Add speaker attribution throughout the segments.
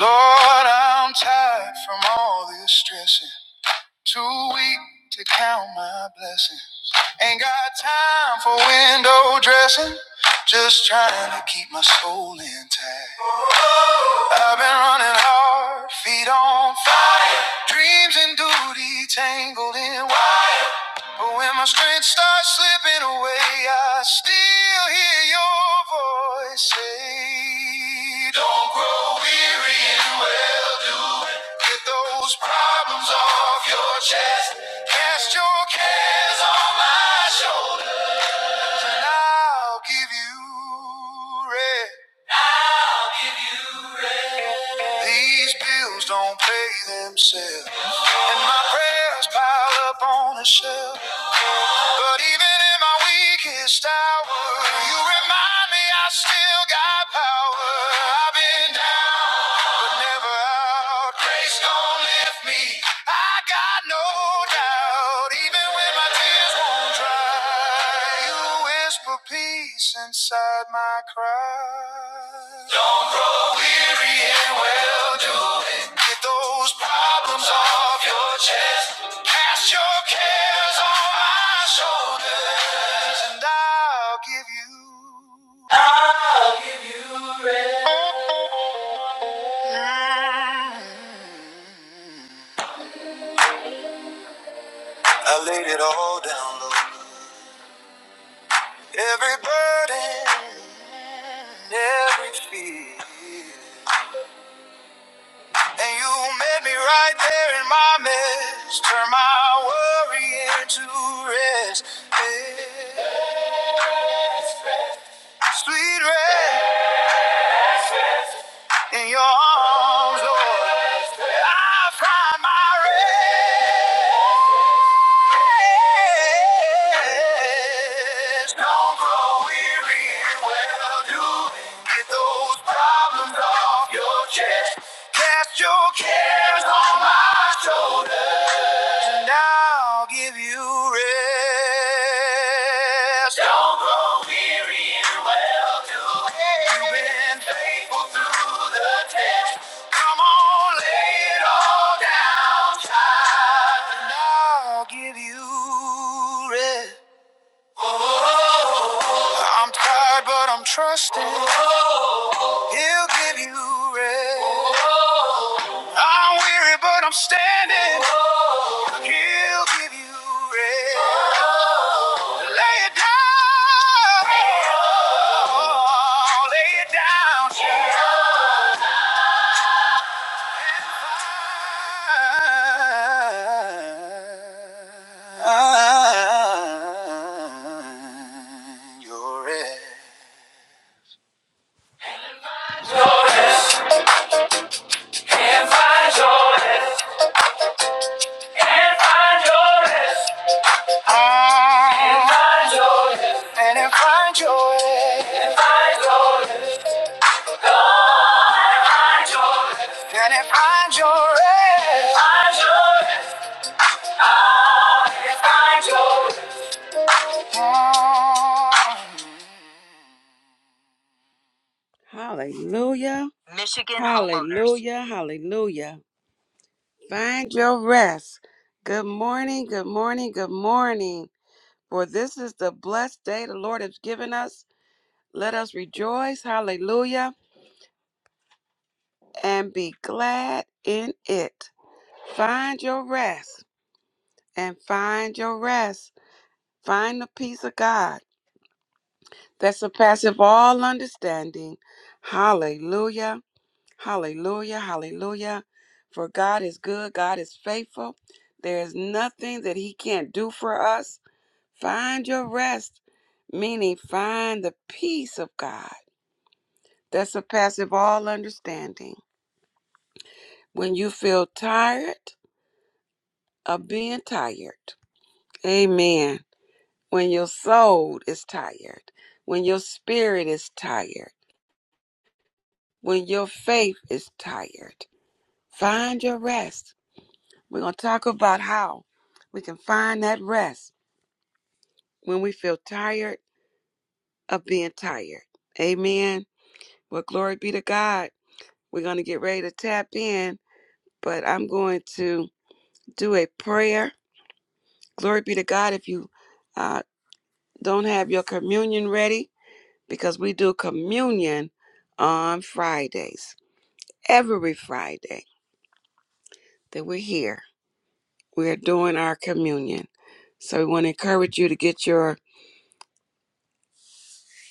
Speaker 1: Lord, I'm tired from all this stressing. Too weak to count my blessings. Ain't got time for window dressing. Just trying to keep my soul intact. I've been running hard, feet on fire. Dreams and duty tangled in wire. But when my strength starts slipping away, I still hear your voice say, Don't grow weary in well doing. Get those problems off your chest. Cast your cares on my shoulders, and I'll give you rest. These bills don't pay themselves. And my prayers pile up on a shelf. But even in my weakest hour, you remind me I still got power. I've been down, but never out. Grace don't lift me. I got no doubt. Even when my tears won't dry, you whisper peace inside my cry. Weary and well-doing. Get those problems off your chest. Cast your cares on my shoulders, and I'll give you. I laid it all down low. Every burden, every fear. And you met me right there in my mess. Turn my worry into rest. Yeah. Sweet rest in your arms, Lord. I find my rest. Don't grow weary in well-doing. Get those problems off your chest. Cast your cares on my shoulders, and I'll give you rest. Don't grow weary and well-doing. You've been faithful through the test. Come on, lay it all down, and I'll give you rest. I'm tired, but I'm trusting. He'll give you rest. I'm weary, but I'm standing. He'll give you rest. Lay it down. Oh, lay it down. Find your rest. Your rest. And find your rest. And find your rest. And find your way. And find your way. And find your Find And find your rest. And find your way. Hallelujah. Hallelujah. Hallelujah. Find your rest. Good morning. Good morning. Good morning. For this is the blessed day the Lord has given us. Let us rejoice. Hallelujah and be glad in it. Find your rest and find your rest. Find the peace of God that surpasses all understanding. Hallelujah. Hallelujah. Hallelujah. For God is good. God is faithful. There is nothing that He can't do for us. Find your rest, meaning find the peace of God that surpasses all understanding. When you feel tired of being tired, Amen. When your soul is tired, when your spirit is tired, when your faith is tired, find your rest. We're going to talk about how we can find that rest when we feel tired of being tired. Amen. Well, glory be to God. We're going to get ready to tap in, but I'm going to do a prayer. Glory be to God. If you uh, don't have your communion ready, because we do communion on Fridays. Every Friday that we're here, we are doing our communion. So we want to encourage you to get your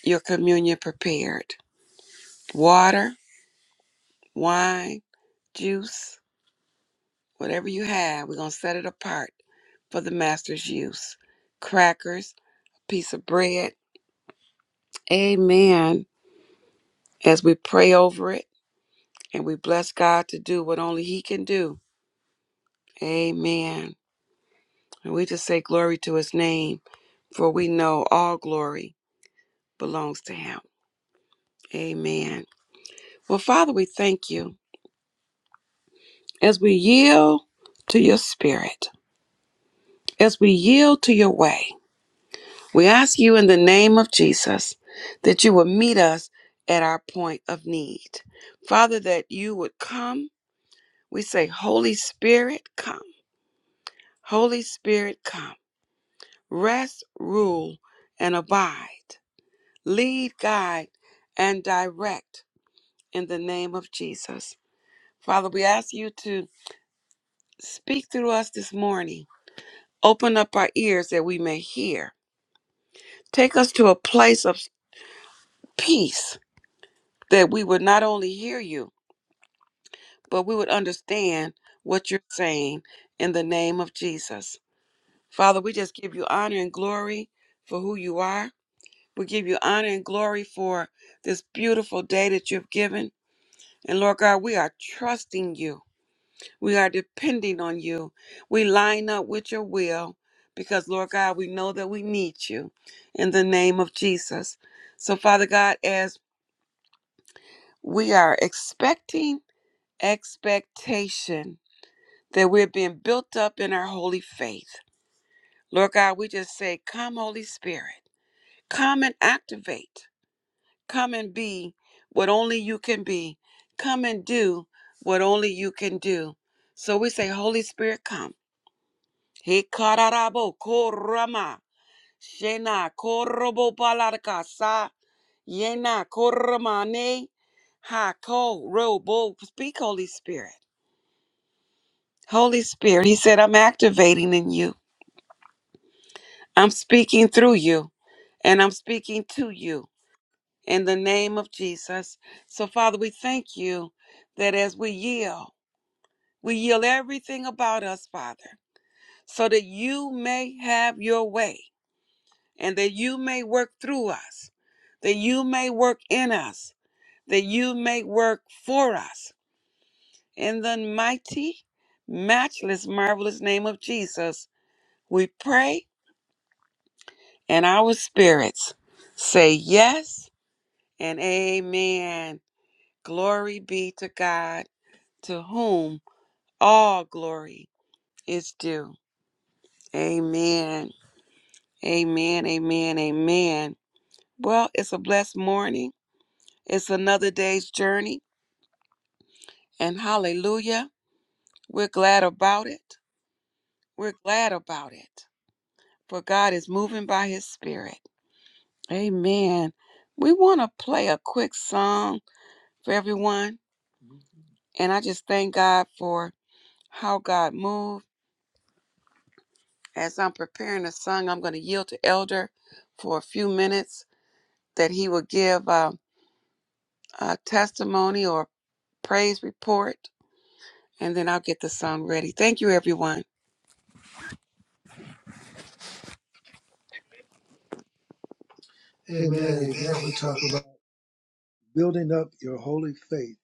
Speaker 1: your communion prepared. Water, wine, juice, whatever you have, we're going to set it apart for the master's use. Crackers, piece of bread. Amen. As we pray over it and we bless God to do what only he can do. Amen. And we just say glory to his name for we know all glory belongs to him. Amen. Well, Father, we thank you as we yield to your spirit, as we yield to your way. We ask you in the name of Jesus that you will meet us at our point of need. Father, that you would come. We say, Holy Spirit, come. Holy Spirit, come. Rest, rule, and abide. Lead, guide, and direct in the name of Jesus. Father, we ask you to speak through us this morning. Open up our ears that we may hear. Take us to a place of peace that we would not only hear you, but we would understand what you're saying in the name of Jesus. Father, we just give you honor and glory for who you are. We give you honor and glory for this beautiful day that you've given. And Lord God, we are trusting you We are depending on you. We line up with your will because, Lord God, we know that we need you in the name of Jesus. So, Father God, as we are expecting expectation that we're being built up in our holy faith, Lord God, we just say, Come, Holy Spirit, come and activate, come and be what only you can be, come and do what only you can do. So we say, Holy Spirit, come. He kararabo korama. Shena korobo palarka sa. Yena koromane. Ha ko robo. Speak, Holy Spirit. Holy Spirit, he said, I'm activating in you. I'm speaking through you and I'm speaking to you in the name of Jesus. So, Father, we thank you that as we yield, we yield everything about us, Father, so that you may have your way. and that you may work through us, that you may work in us, that you may work for us. In the mighty, matchless, marvelous name of Jesus, we pray, and our spirits say yes and amen. Glory be to God, to whom all glory is due. Amen. Amen. Amen. Amen. Well, it's a blessed morning. It's another day's journey And hallelujah, we're glad about it. We're glad about it. For God is moving by his spirit. Amen. We want to play a quick song for everyone. And I just thank God for how God moved. As I'm preparing the song, I'm going to yield to Elder for a few minutes that he will give uh, a testimony or praise report. And then I'll get the song ready. Thank you, everyone. Amen.
Speaker 2: Amen. Amen.
Speaker 1: Amen. We
Speaker 2: We're
Speaker 1: talk
Speaker 2: talking about building up your holy faith.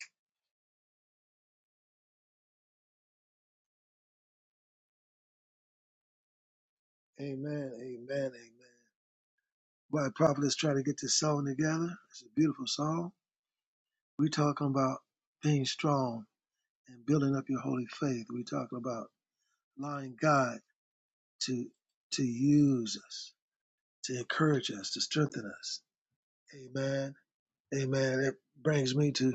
Speaker 2: Amen. Amen. Amen. Why prophet is trying to get this song together. It's a beautiful song. We're talking about being strong and building up your holy faith. We're talking about allowing God to to use us, to encourage us, to strengthen us. Amen. Amen. That brings me to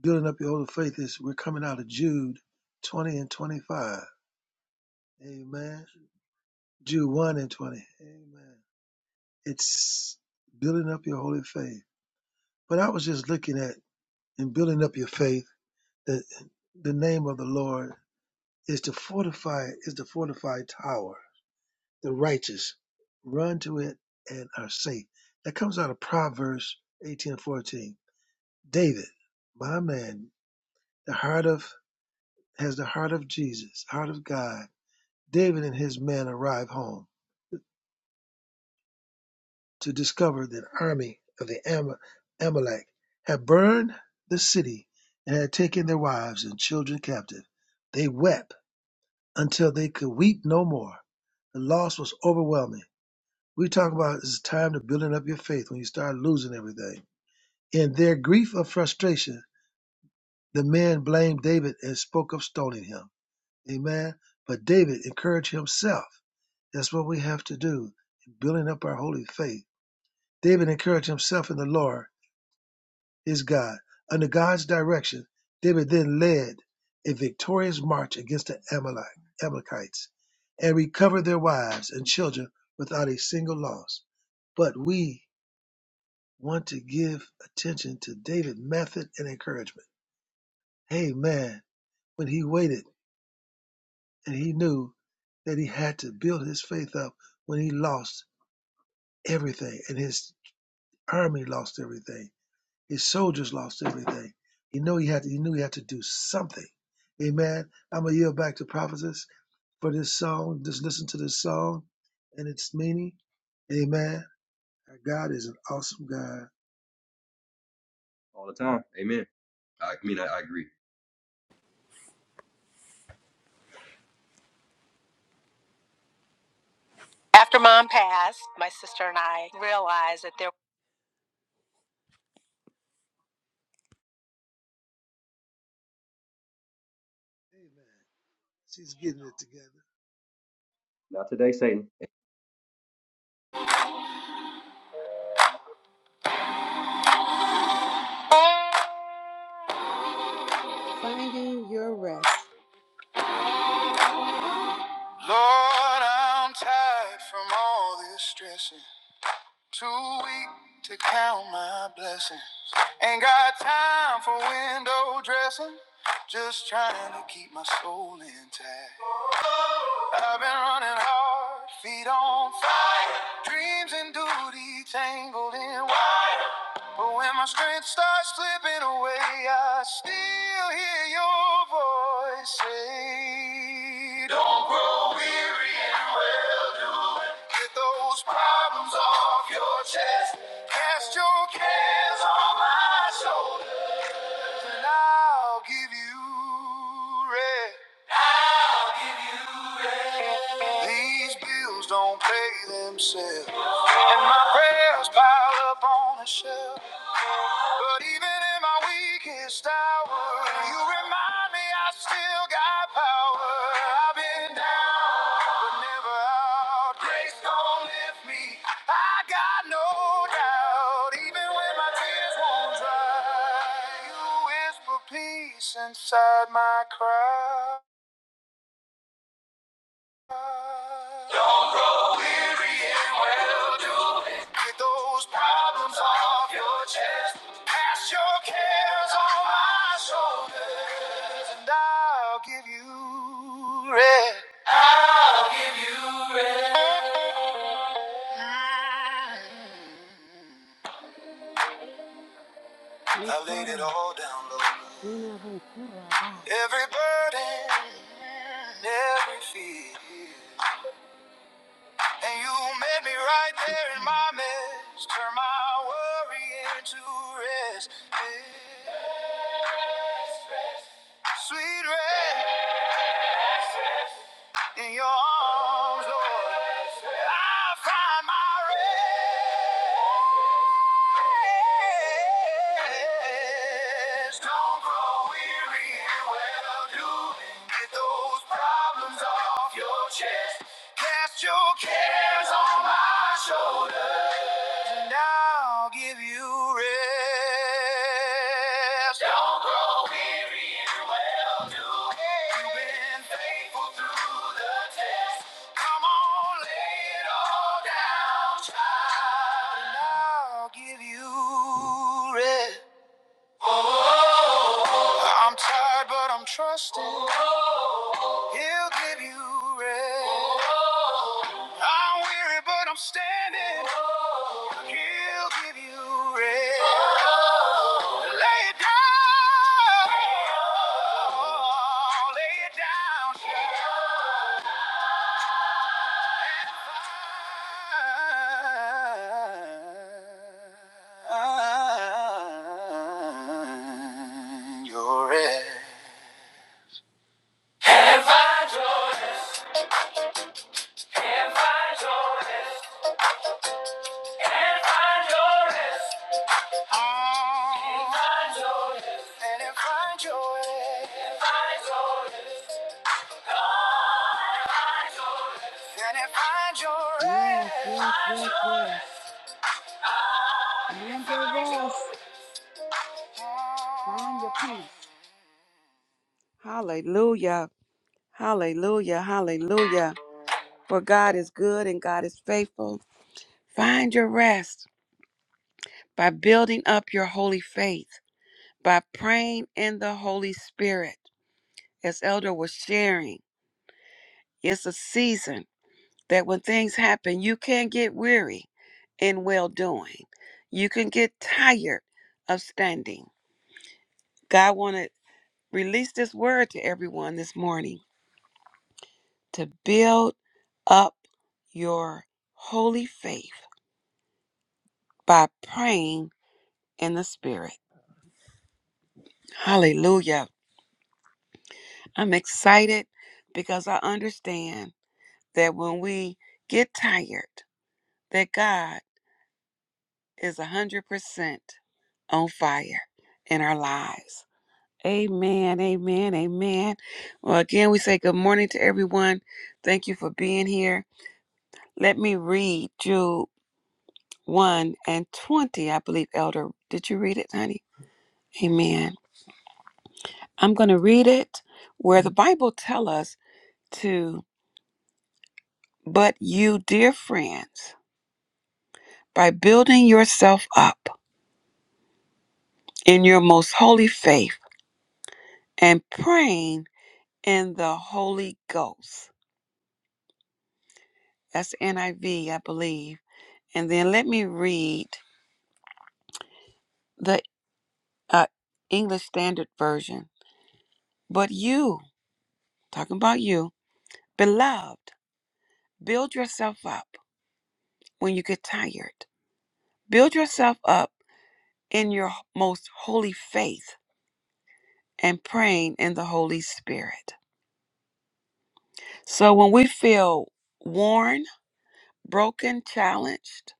Speaker 2: building up your holy faith is we're coming out of Jude 20 and 25. Amen. Jude 1 and 20. Amen. It's building up your holy faith. But I was just looking at in building up your faith that the name of the Lord is to fortify is the fortified tower. The righteous run to it and are safe. That comes out of Proverbs eighteen fourteen. David, my man, the heart of has the heart of Jesus, heart of God. David and his men arrive home to discover that army of the Am- Amalek had burned the city and had taken their wives and children captive, they wept until they could weep no more. The loss was overwhelming. We talk about it's time to building up your faith when you start losing everything. In their grief of frustration, the men blamed David and spoke of stoning him. Amen. But David encouraged himself. That's what we have to do, in building up our holy faith. David encouraged himself in the Lord Is God. Under God's direction, David then led a victorious march against the Amalek, Amalekites and recovered their wives and children without a single loss. But we want to give attention to David's method and encouragement. Hey, man, when he waited and he knew that he had to build his faith up when he lost everything and his army lost everything His soldiers lost everything. He knew he had to, he knew he had to do something. Amen. I'm gonna yield back to prophetess for this song. Just listen to this song and its meaning. Amen. Our God is an awesome God.
Speaker 3: all the time. Amen. I mean, I, I agree.
Speaker 1: After mom passed, my sister and I realized that there was
Speaker 2: Amen. She's getting it together.
Speaker 3: Not today, Satan.
Speaker 1: finding your rest. Lord, I'm tired from all this stressing. Too weak to count my blessings. Ain't got time for window dressing. Just trying to keep my soul intact. I've been running hard, feet on fire. Dreams and duty tangled in But when my strength starts slipping away, I still hear your voice say, Don't grow weary and well doing. Get those problems off your chest. Cast your cares on my shoulders, and I'll give you rest. I'll give you rest. These bills don't pay themselves, and my prayers pile up on a shelf. But even in my weakest hour, you remind me I still got power. I've been down, but never out. Grace gon' lift me. I got no doubt. Even when my tears won't dry, you whisper peace inside my cry. Don't grow weary in well-doing. Get those problems off your chest. Cast your cares on my shoulders, and I'll give you rest. I'll give you rest. I laid it all down low. Every burden, every fear. And you met me right there in my mess. Turn my worry into rest. Rest, rest. Sweet rest Rest, rest. in your arms, Lord. Rest, rest. I find my rest. Don't grow weary in well-doing. Get those problems off your chest. Cast your cares on my shoulders, and I'll give you rest. Don't grow weary in well-doing. You've been faithful through the test. Come on, lay it all down, child, and I'll give you rest. Oh, I'm tired, but I'm trusting He'll give you rest. I'm weary, but I'm standing. He'll give you rest. Lay it down. Lay it down. child. You're it. Oh, and if I joy, and if I joy, Yes, yes, yes, yes. Find your rest. Find your peace. Hallelujah. Hallelujah. Hallelujah. For God is good and God is faithful. Find your rest by building up your holy faith, by praying in the Holy Spirit. As Elder was sharing, it's a season that when things happen, you can get weary in well doing. You can get tired of standing. God wanted to release this word to everyone this morning to build up your holy faith by praying in the Spirit. Hallelujah. I'm excited because I understand that when we get tired, that God is 100% on fire in our lives. Amen, amen, amen. Well, again, we say good morning to everyone. Thank you for being here. Let me read Jude. 1 and 20, I believe, Elder. Did you read it, honey? Amen. I'm going to read it where the Bible tells us to, but you, dear friends, by building yourself up in your most holy faith and praying in the Holy Ghost. That's NIV, I V, I believe. And then let me read the uh, English Standard Version. But you, talking about you, beloved, build yourself up when you get tired. Build yourself up in your most holy faith and praying in the Holy Spirit. So when we feel worn, broken, challenged,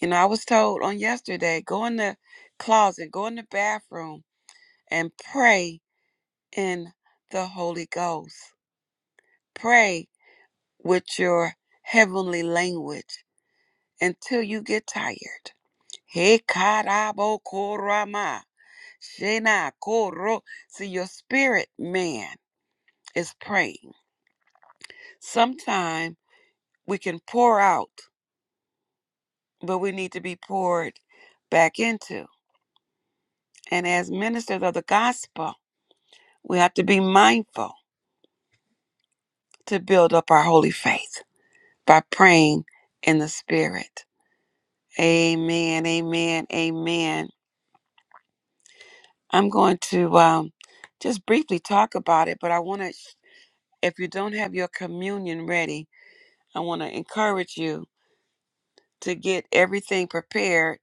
Speaker 1: you know, I was told on yesterday go in the closet, go in the bathroom, and pray in the Holy Ghost. Pray with your heavenly language until you get tired. He karabo korama. Shena Koro. See, your spirit man is praying. Sometimes we can pour out, but we need to be poured back into. And as ministers of the gospel, we have to be mindful to build up our holy faith by praying in the spirit. Amen, amen, amen. I'm going to um, just briefly talk about it, but I want to, if you don't have your communion ready, I want to encourage you to get everything prepared,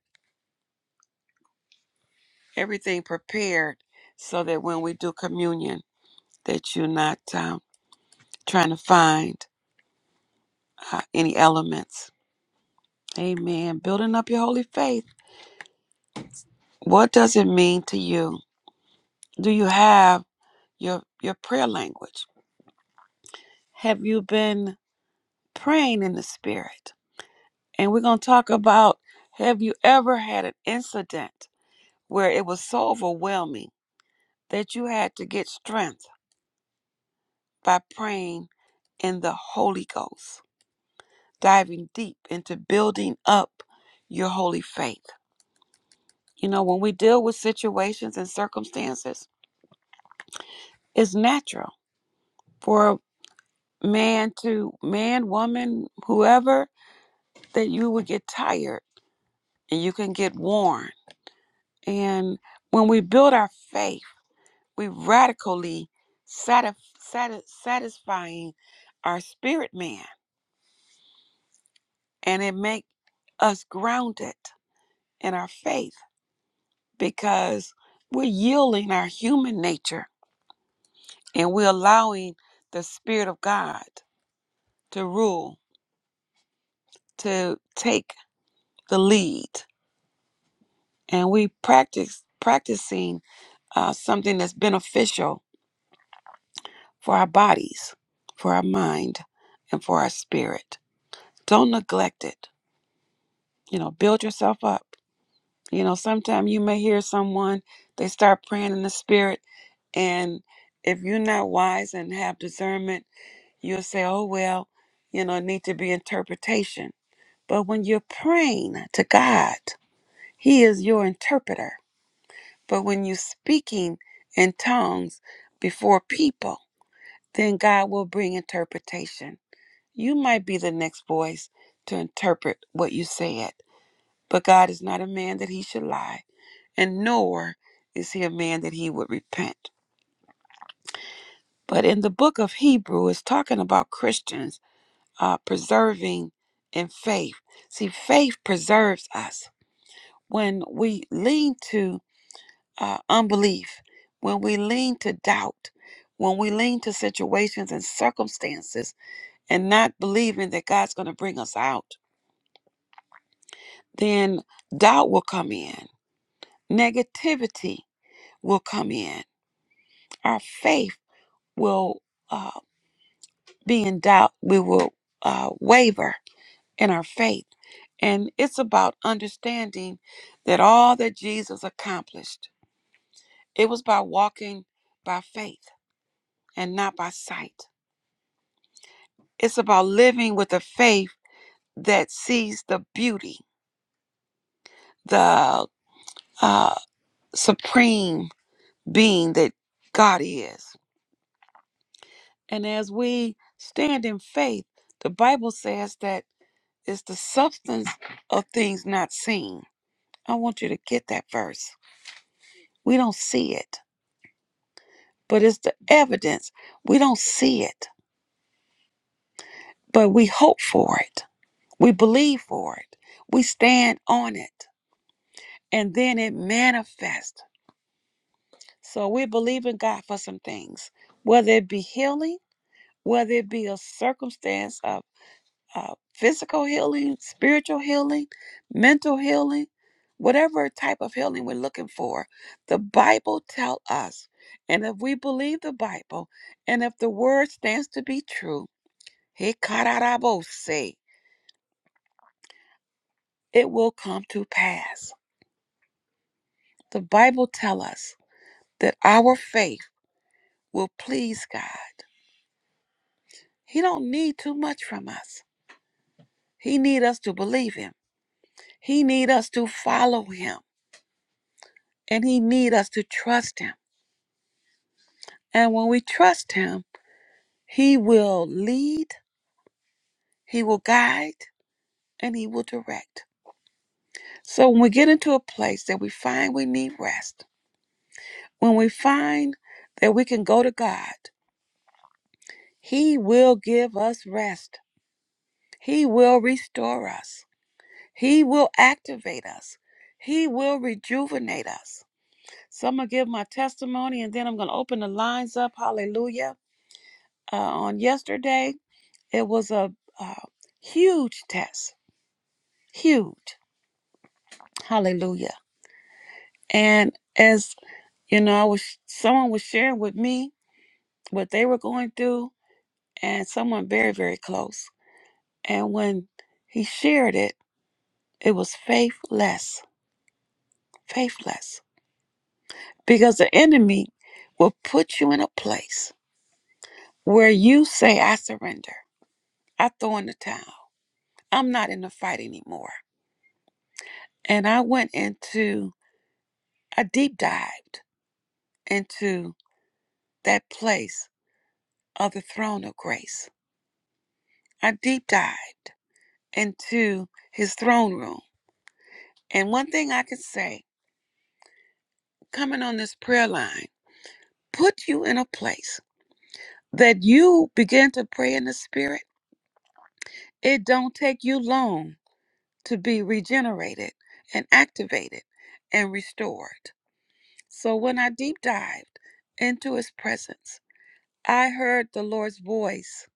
Speaker 1: everything prepared, so that when we do communion, that you're not um, trying to find uh, any elements. Amen. Building up your holy faith. What does it mean to you? Do you have your your prayer language? Have you been praying in the spirit? And we're going to talk about have you ever had an incident where it was so overwhelming that you had to get strength by praying in the Holy Ghost, diving deep into building up your holy faith. You know, when we deal with situations and circumstances, it's natural for a man to man, woman, whoever, that you would get tired and you can get worn. And when we build our faith, we radically satis- satis- satisfying our spirit man, and it makes us grounded in our faith because we're yielding our human nature and we're allowing the Spirit of God to rule, to take the lead, and we practice practicing uh, something that's beneficial for our bodies, for our mind, and for our spirit. Don't neglect it. You know, build yourself up. You know, sometimes you may hear someone they start praying in the spirit, and if you're not wise and have discernment You'll say, oh, well, you know, it need to be interpretation. But when you're praying to God, He is your interpreter. But when you're speaking in tongues before people, then God will bring interpretation. You might be the next voice to interpret what you said, but God is not a man that He should lie, and nor is He a man that He would repent. But in the book of Hebrew, it's talking about Christians uh, preserving in faith. See, faith preserves us. When we lean to uh, unbelief, when we lean to doubt, when we lean to situations and circumstances and not believing that God's going to bring us out, then doubt will come in, negativity will come in, our faith will uh, be in doubt, we will uh, waver in our faith And it's about understanding that all that Jesus accomplished, it was by walking by faith and not by sight. It's about living with a faith that sees the beauty, the uh, supreme being that God is. And as we stand in faith, the Bible says that it's the substance of things not seen. I want you to get that verse. We don't see it but it's the evidence. We don't see it, but we hope for it. We believe for it. We stand on it. And then it manifests. So we believe in God for some things, whether it be healing, whether it be a circumstance of uh, physical healing, spiritual healing, mental healing, whatever type of healing we're looking for. The Bible tells us. And if we believe the Bible, and if the word stands to be true, Hikarabose. It will come to pass. The Bible tells us that our faith will please God. He don't need too much from us. He need us to believe him. He need us to follow him. And he need us to trust him. And when we trust him, he will lead, he will guide, and he will direct. So when we get into a place that we find we need rest, when we find that we can go to God He will give us rest. He will restore us. He will activate us. He will rejuvenate us. So I'm going to give my testimony and then I'm going to open the lines up. Hallelujah. Uh, on yesterday, it was a, uh huge test. Huge. Hallelujah. And as you know, I was someone was sharing with me what they were going through and someone very, very close. And when he shared it, it was faithless faithless because the enemy will put you in a place where you say, I surrender. I throw in the towel. I'm not in the fight anymore. And I went into, I deep dived into that place of the throne of grace. I deep dived into his throne room. And one thing I can say, coming on this prayer line, put you in a place that you begin to pray in the spirit. It don't take you long to be regenerated and activated and restored. So when I deep dived into his presence, I heard the Lord's voice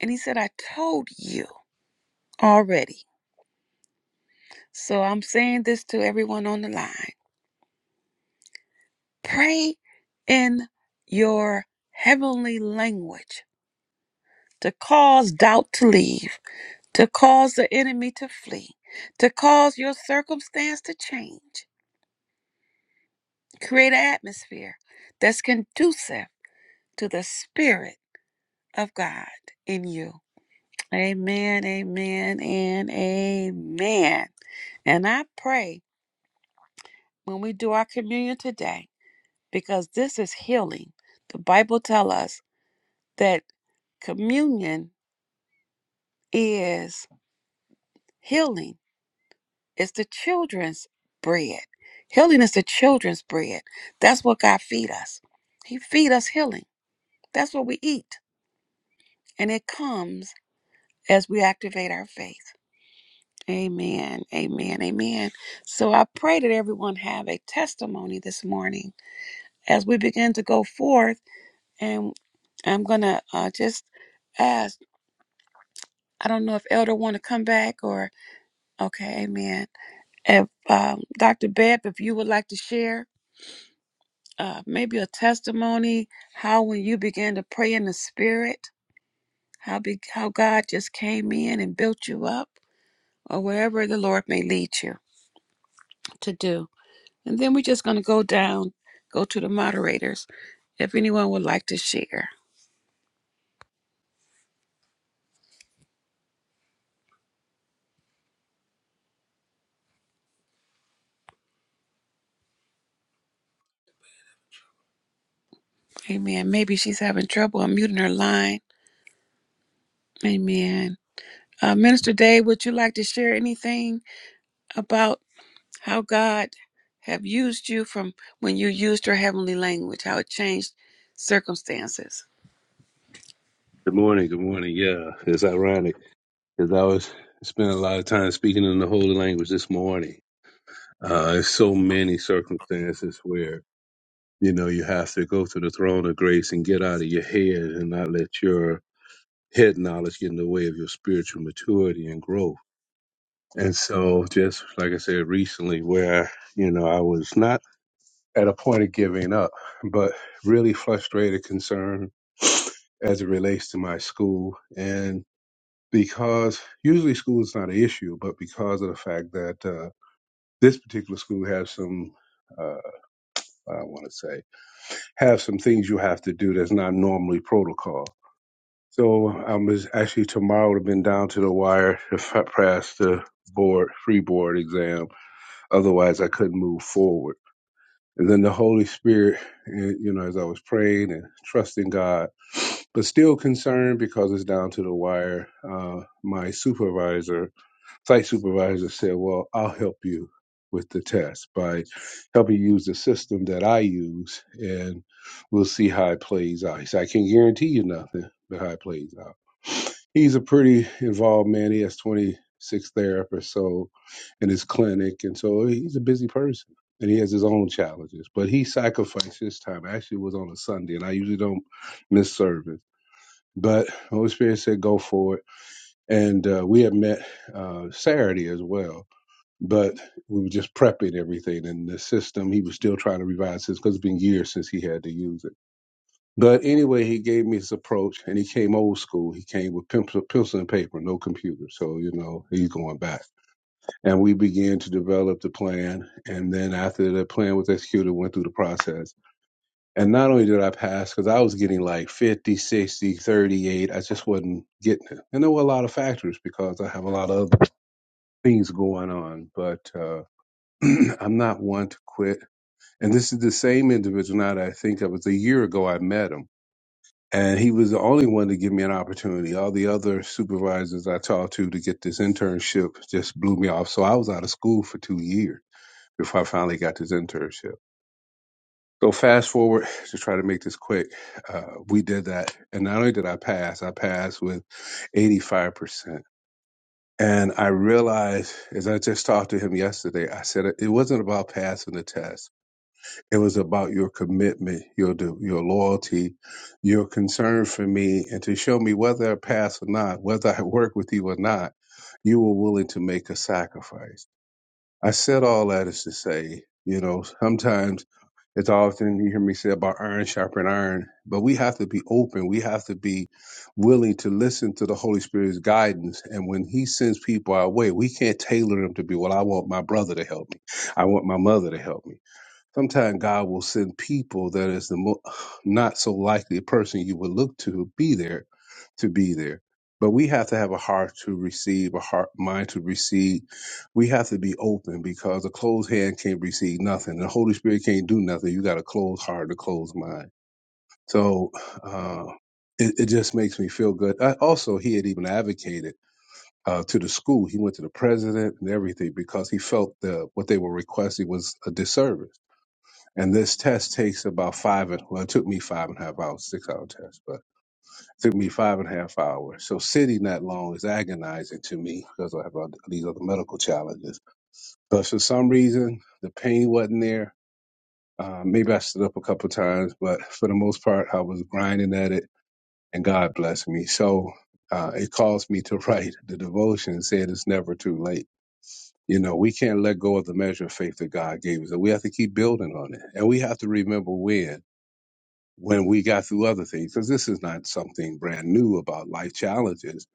Speaker 1: and he said, I told you already. So I'm saying this to everyone on the line pray in your heavenly language to cause doubt to leave, to cause the enemy to flee, to cause your circumstance to change. Create an atmosphere that's conducive to the Spirit of God in you. Amen, amen, and amen. And I pray when we do our communion today, because this is healing. The Bible tells us that communion is healing, it's the children's bread. Healing is the children's bread. That's what God feed us. He feed us healing. That's what we eat. And it comes as we activate our faith. Amen. Amen. Amen. So I pray that everyone have a testimony this morning as we begin to go forth. And I'm going to uh, just ask, I don't know if Elder want to come back or, okay, amen. If um, Dr. Beb, if you would like to share uh, maybe a testimony, how when you began to pray in the spirit, how, be, how God just came in and built you up or wherever the Lord may lead you to do. And then we're just going to go down, go to the moderators. If anyone would like to share, amen. Maybe she's having trouble unmuting her line. Amen. Uh, Minister Dave, would you like to share anything about how God have used you from when you used your heavenly language, how it changed circumstances?
Speaker 4: Good morning. Good morning. Yeah, it's ironic because I was spending a lot of time speaking in the holy language this morning. Uh, there's so many circumstances where you know you have to go to the throne of grace and get out of your head and not let your head knowledge get in the way of your spiritual maturity and growth. And so, just like I said recently, where you know I was not at a point of giving up, but really frustrated, concerned as it relates to my school. because usually school is not an issue, but because of the fact that uh, this particular school has some, uh, I want to say, have some things you have to do that's not normally protocol. So I'm actually tomorrow would have been down to the wire if I passed the board free board exam. Otherwise, I couldn't move forward. And then the Holy Spirit, eh, you know, as I was praying and trusting God, but still concerned because it's down to the wire. Uh, my supervisor Site supervisor said, well, I'll help you with the test by helping you use the system that I use and we'll see how it plays out. He said, I can't guarantee you nothing, but how it plays out. He's a pretty involved man. He has 26 therapists so in his clinic. And so he's a busy person and he has his own challenges, but he sacrificed his time. Actually, it was on a Sunday and I usually don't miss service, but Holy Spirit said, go for it and uh, we had met uh, Saturday as well. But we were just prepping everything, and the system he was still trying to revise this because it's been years since he had to use it. But anyway, he gave me his approach, and he came old school. He came with pencil, pencil and paper, no computer. So you know he's going back, and we began to develop the plan. And then after the plan was executed, went through the process. And not only did I pass, because I was getting like 50, 60, 38, I just wasn't getting it. And there were a lot of factors because I have a lot of other things going on, but uh, I'm not one to quit. And this is the same individual now that I think of. It was a year ago I met him, and he was the only one to give me an opportunity. All the other supervisors I talked to to get this internship just blew me off. So I was out of school for two years before I finally got this internship. So fast forward to try to make this quick, uh, we did that, and not only did I pass, I passed with 85%. And I realized as I just talked to him yesterday, I said it wasn't about passing the test. It was about your commitment, your de- your loyalty, your concern for me, and to show me whether I pass or not, whether I work with you or not, you were willing to make a sacrifice. I said all that is to say, you know, sometimes it's often you hear me say about iron sharpen iron, but we have to be open. We have to be willing to listen to the Holy Spirit's guidance. And when He sends people our way, we can't tailor them to be, well, I want my brother to help me. I want my mother to help me. Sometimes God will send people that is the mo- not so likely person you would look to be there to be there. But we have to have a heart to receive, a heart mind to receive. We have to be open because a closed hand can't receive nothing. The Holy Spirit can't do nothing. You got a closed heart and a closed mind. So uh, it, it just makes me feel good. I, also, he had even advocated uh, to the school. He went to the president and everything because he felt the what they were requesting was a disservice and this test takes about five, and, well, it took me five and a half hours, six hour test, but it took me five and a half hours. So sitting that long is agonizing to me because I have other- these other medical challenges. But for some reason, the pain wasn't there. Uh, maybe I stood up a couple times, but for the most part, I was grinding at it and God blessed me. So uh, it caused me to write the devotion and said it's never too late. You know, we can't let go of the measure of faith that God gave us. We have to keep building on it. And we have to remember when. when we got through other things, because this is not something brand new about life challenges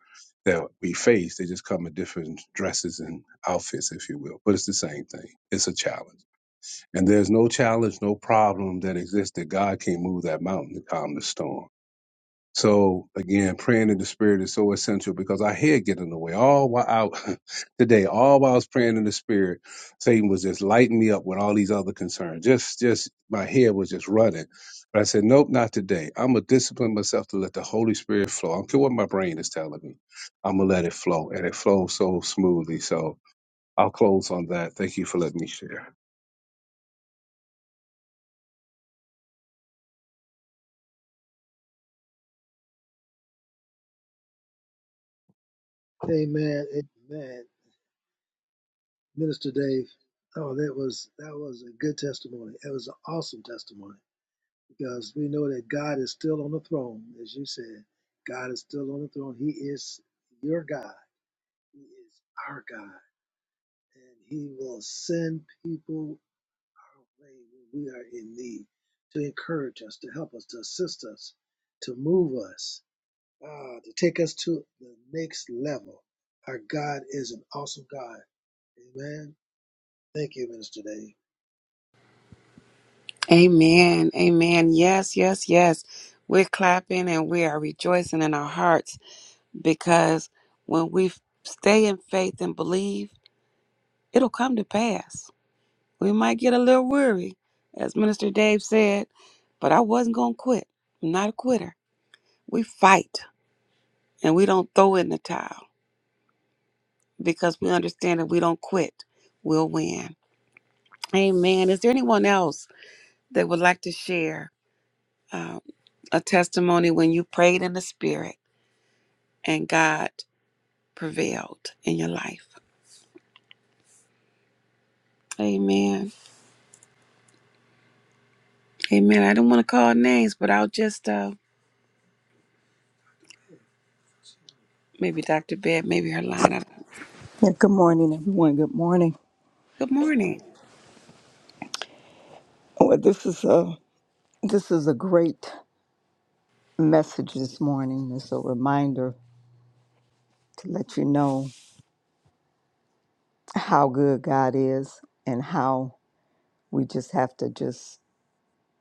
Speaker 4: that we face. They just come in different dresses and outfits, if you will, but it's the same thing. It's a challenge. And there's no challenge, no problem that exists that God can't move that mountain to calm the storm. So again, praying in the spirit is so essential because our head get in the way. All while out today, all while I was praying in the spirit, Satan was just lighting me up with all these other concerns. Just, just my head was just running. But I said, nope, not today. I'm gonna discipline myself to let the Holy Spirit flow. I don't care what my brain is telling me. I'm gonna let it flow, and it flows so smoothly. So I'll close on that. Thank you for letting me share.
Speaker 2: Amen. Amen. Minister Dave. Oh, that was that was a good testimony. That was an awesome testimony because we know that God is still on the throne, as you said. God is still on the throne. He is your God. He is our God. and He will send people our way when we are in need to encourage us, to help us, to assist us, to move us, ah, to take us to the next level. Our God is an awesome God. Amen. Thank you, Minister Dave.
Speaker 1: Amen. Amen. Yes, yes, yes. We're clapping and we are rejoicing in our hearts because when we stay in faith and believe, it'll come to pass. We might get a little weary, as Minister Dave said, but I wasn't going to quit. I'm not a quitter. We fight and we don't throw in the towel because we understand if we don't quit, we'll win. Amen. Is there anyone else that would like to share uh, a testimony when you prayed in the spirit and God prevailed in your life? Amen. Amen. I don't want to call names, but I'll just, uh, maybe Dr. Bed, maybe her line. I-
Speaker 5: Yeah, good morning, everyone. Good morning.
Speaker 1: Good morning.
Speaker 5: Well, this is a this is a great message this morning. It's a reminder to let you know how good God is and how we just have to just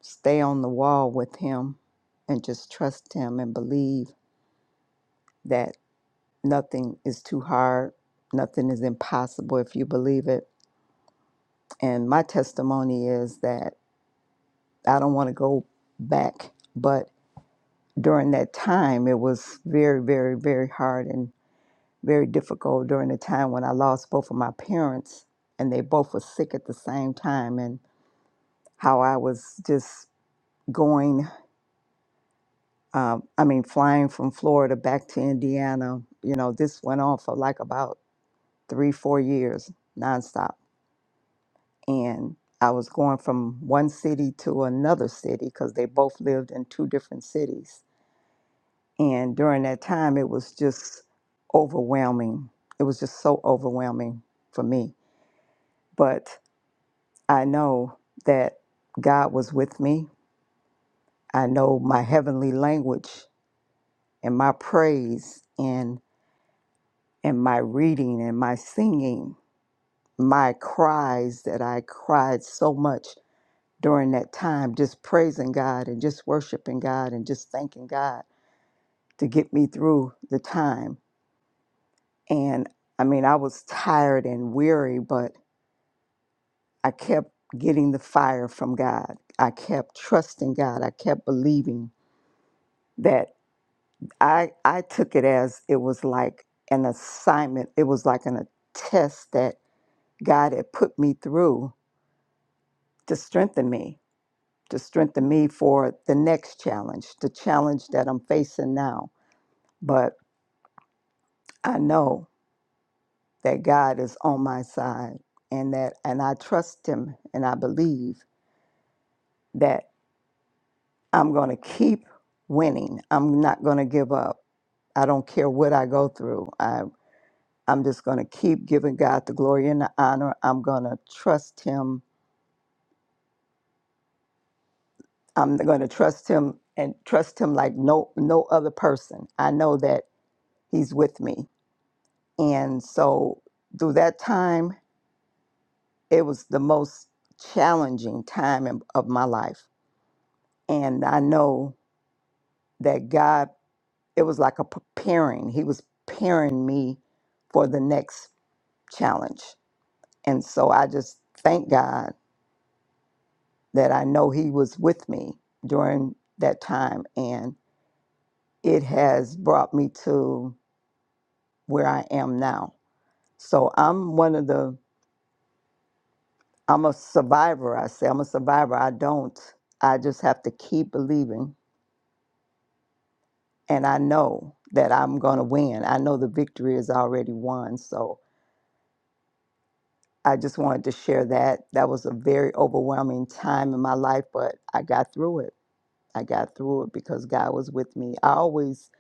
Speaker 5: stay on the wall with Him and just trust Him and believe that nothing is too hard, nothing is impossible if you believe it. And my testimony is that I don't want to go back, but during that time, it was very, very, very hard and very difficult during the time when I lost both of my parents and they both were sick at the same time and how I was just going, um, I mean, flying from Florida back to Indiana. You know, this went on for like about three, four years nonstop. And I was going from one city to another city because they both lived in two different cities And during that time, it was just overwhelming. It was just so overwhelming for me. But I know that God was with me. I know my heavenly language and my praise and and my reading and my singing, my cries that I cried so much during that time, just praising God and just worshiping God and just thanking God to get me through the time And I mean, I was tired and weary, but I kept getting the fire from God. I kept trusting God. I kept believing that I I took it as it was like an assignment. It was like an, a test that God had put me through to strengthen me, to strengthen me for the next challenge, the challenge that I'm facing now. But I know that God is on my side and that and I trust him and I believe that I'm going to keep winning. I'm not going to give up. I don't care what I go through. I, I'm just going to keep giving God the glory and the honor. I'm going to trust Him. I'm going to trust Him and trust Him like no no other person. I know that He's with me, and so through that time, it was the most challenging time in, of my life, and I know that God. It was like a preparing. He was preparing me for the next challenge. And so I just thank God that I know He was with me during that time. And it has brought me to where I am now. So I'm one of the, I'm a survivor, I say. I'm a survivor. I don't, I just have to keep believing. And I know that I'm going to win. I know the victory is already won. So I just wanted to share that. That was a very overwhelming time in my life, but I got through it. I got through it because God was with me. I always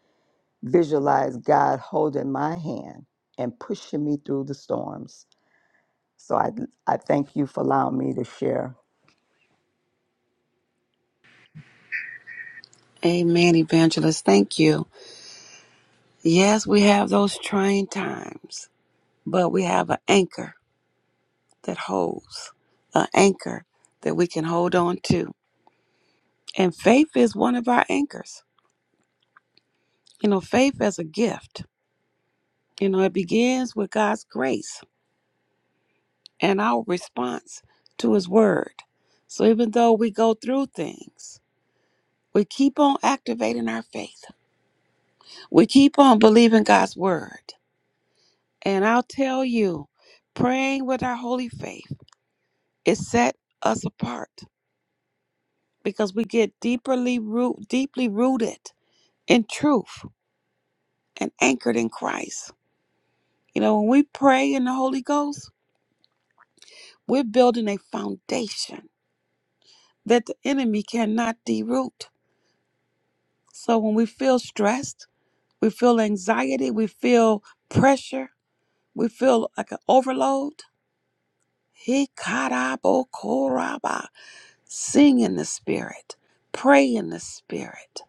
Speaker 5: visualize God holding my hand and pushing me through the storms. So I, I thank you for allowing me to share.
Speaker 1: Amen, evangelist. Thank you. Yes, we have those trying times, but we have an anchor that holds, an anchor that we can hold on to. And faith is one of our anchors. You know, faith as a gift, you know, it begins with God's grace and our response to His word. So even though we go through things, we keep on activating our faith, we keep on believing God's word. And I'll tell you, praying with our holy faith It set us apart because we get deeply root, deeply rooted in truth and anchored in Christ. You know, when we pray in the Holy Ghost, we're building a foundation that the enemy cannot deroot. So when we feel stressed, we feel anxiety, we feel pressure, we feel like an overload. He koraba. Sing in the spirit, pray in the spirit,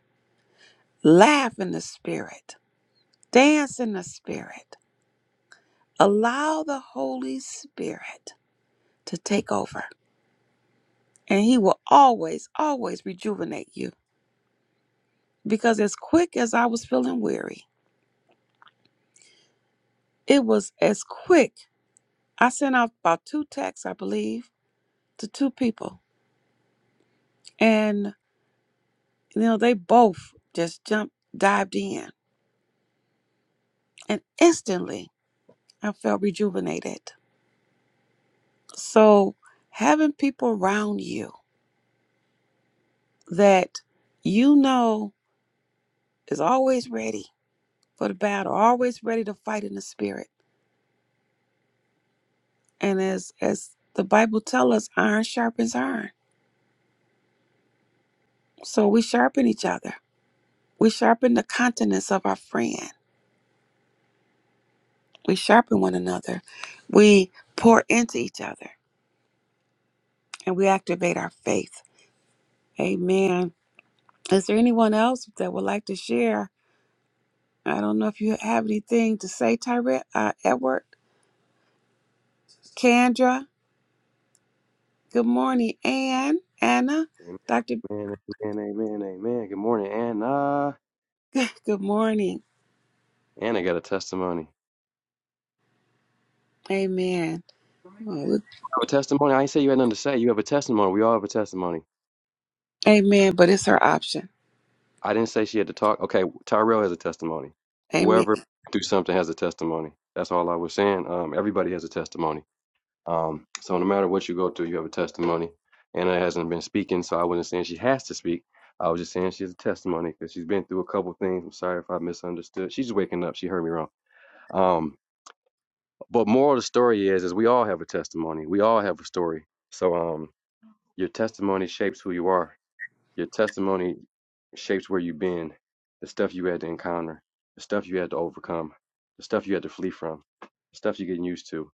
Speaker 1: laugh in the spirit. Dance in the Spirit. Allow the Holy Spirit to take over, and He will always, always rejuvenate you. Because as quick as I was feeling weary, it was as quick. I sent out about two texts, I believe, to two people, and you know they both just jumped, dived in, and instantly I felt rejuvenated. So having people around you that you know is always ready for the battle, always ready to fight in the spirit. And as as the Bible tells us, iron sharpens iron. So we sharpen each other. We sharpen the countenance of our friend. We sharpen one another. We pour into each other and we activate our faith. Amen. Is there anyone else that would like to share? I don't know if you have anything to say, Tyrant, uh, Edward, Kendra. Good morning, Ann, Anna,
Speaker 3: Amen.
Speaker 1: Dr.
Speaker 3: Amen, amen, amen, Good morning, Anna.
Speaker 1: Good morning.
Speaker 3: Anna got a testimony.
Speaker 1: Amen.
Speaker 3: You
Speaker 1: Well, we're
Speaker 3: have a testimony. I ain't say you had nothing to say. You have a testimony. We all have a testimony.
Speaker 1: Amen, but it's her option.
Speaker 3: I didn't say she had to talk. Okay, Tyrell has a testimony.
Speaker 1: Amen.
Speaker 3: Whoever do something has a testimony. That's all I was saying. Um, everybody has a testimony. Um, so no matter what you go through, you have a testimony. Anna hasn't been speaking, so I wasn't saying she has to speak. I was just saying she has a testimony because she's been through a couple things. I'm sorry if I misunderstood. She's waking up. She heard me wrong. Um, but moral of the story is, is we all have a testimony. We all have a story. So um, your testimony shapes who you are. Your testimony shapes where you've been, the stuff you had to encounter, the stuff you had to overcome, the stuff you had to flee from, the stuff you're getting used to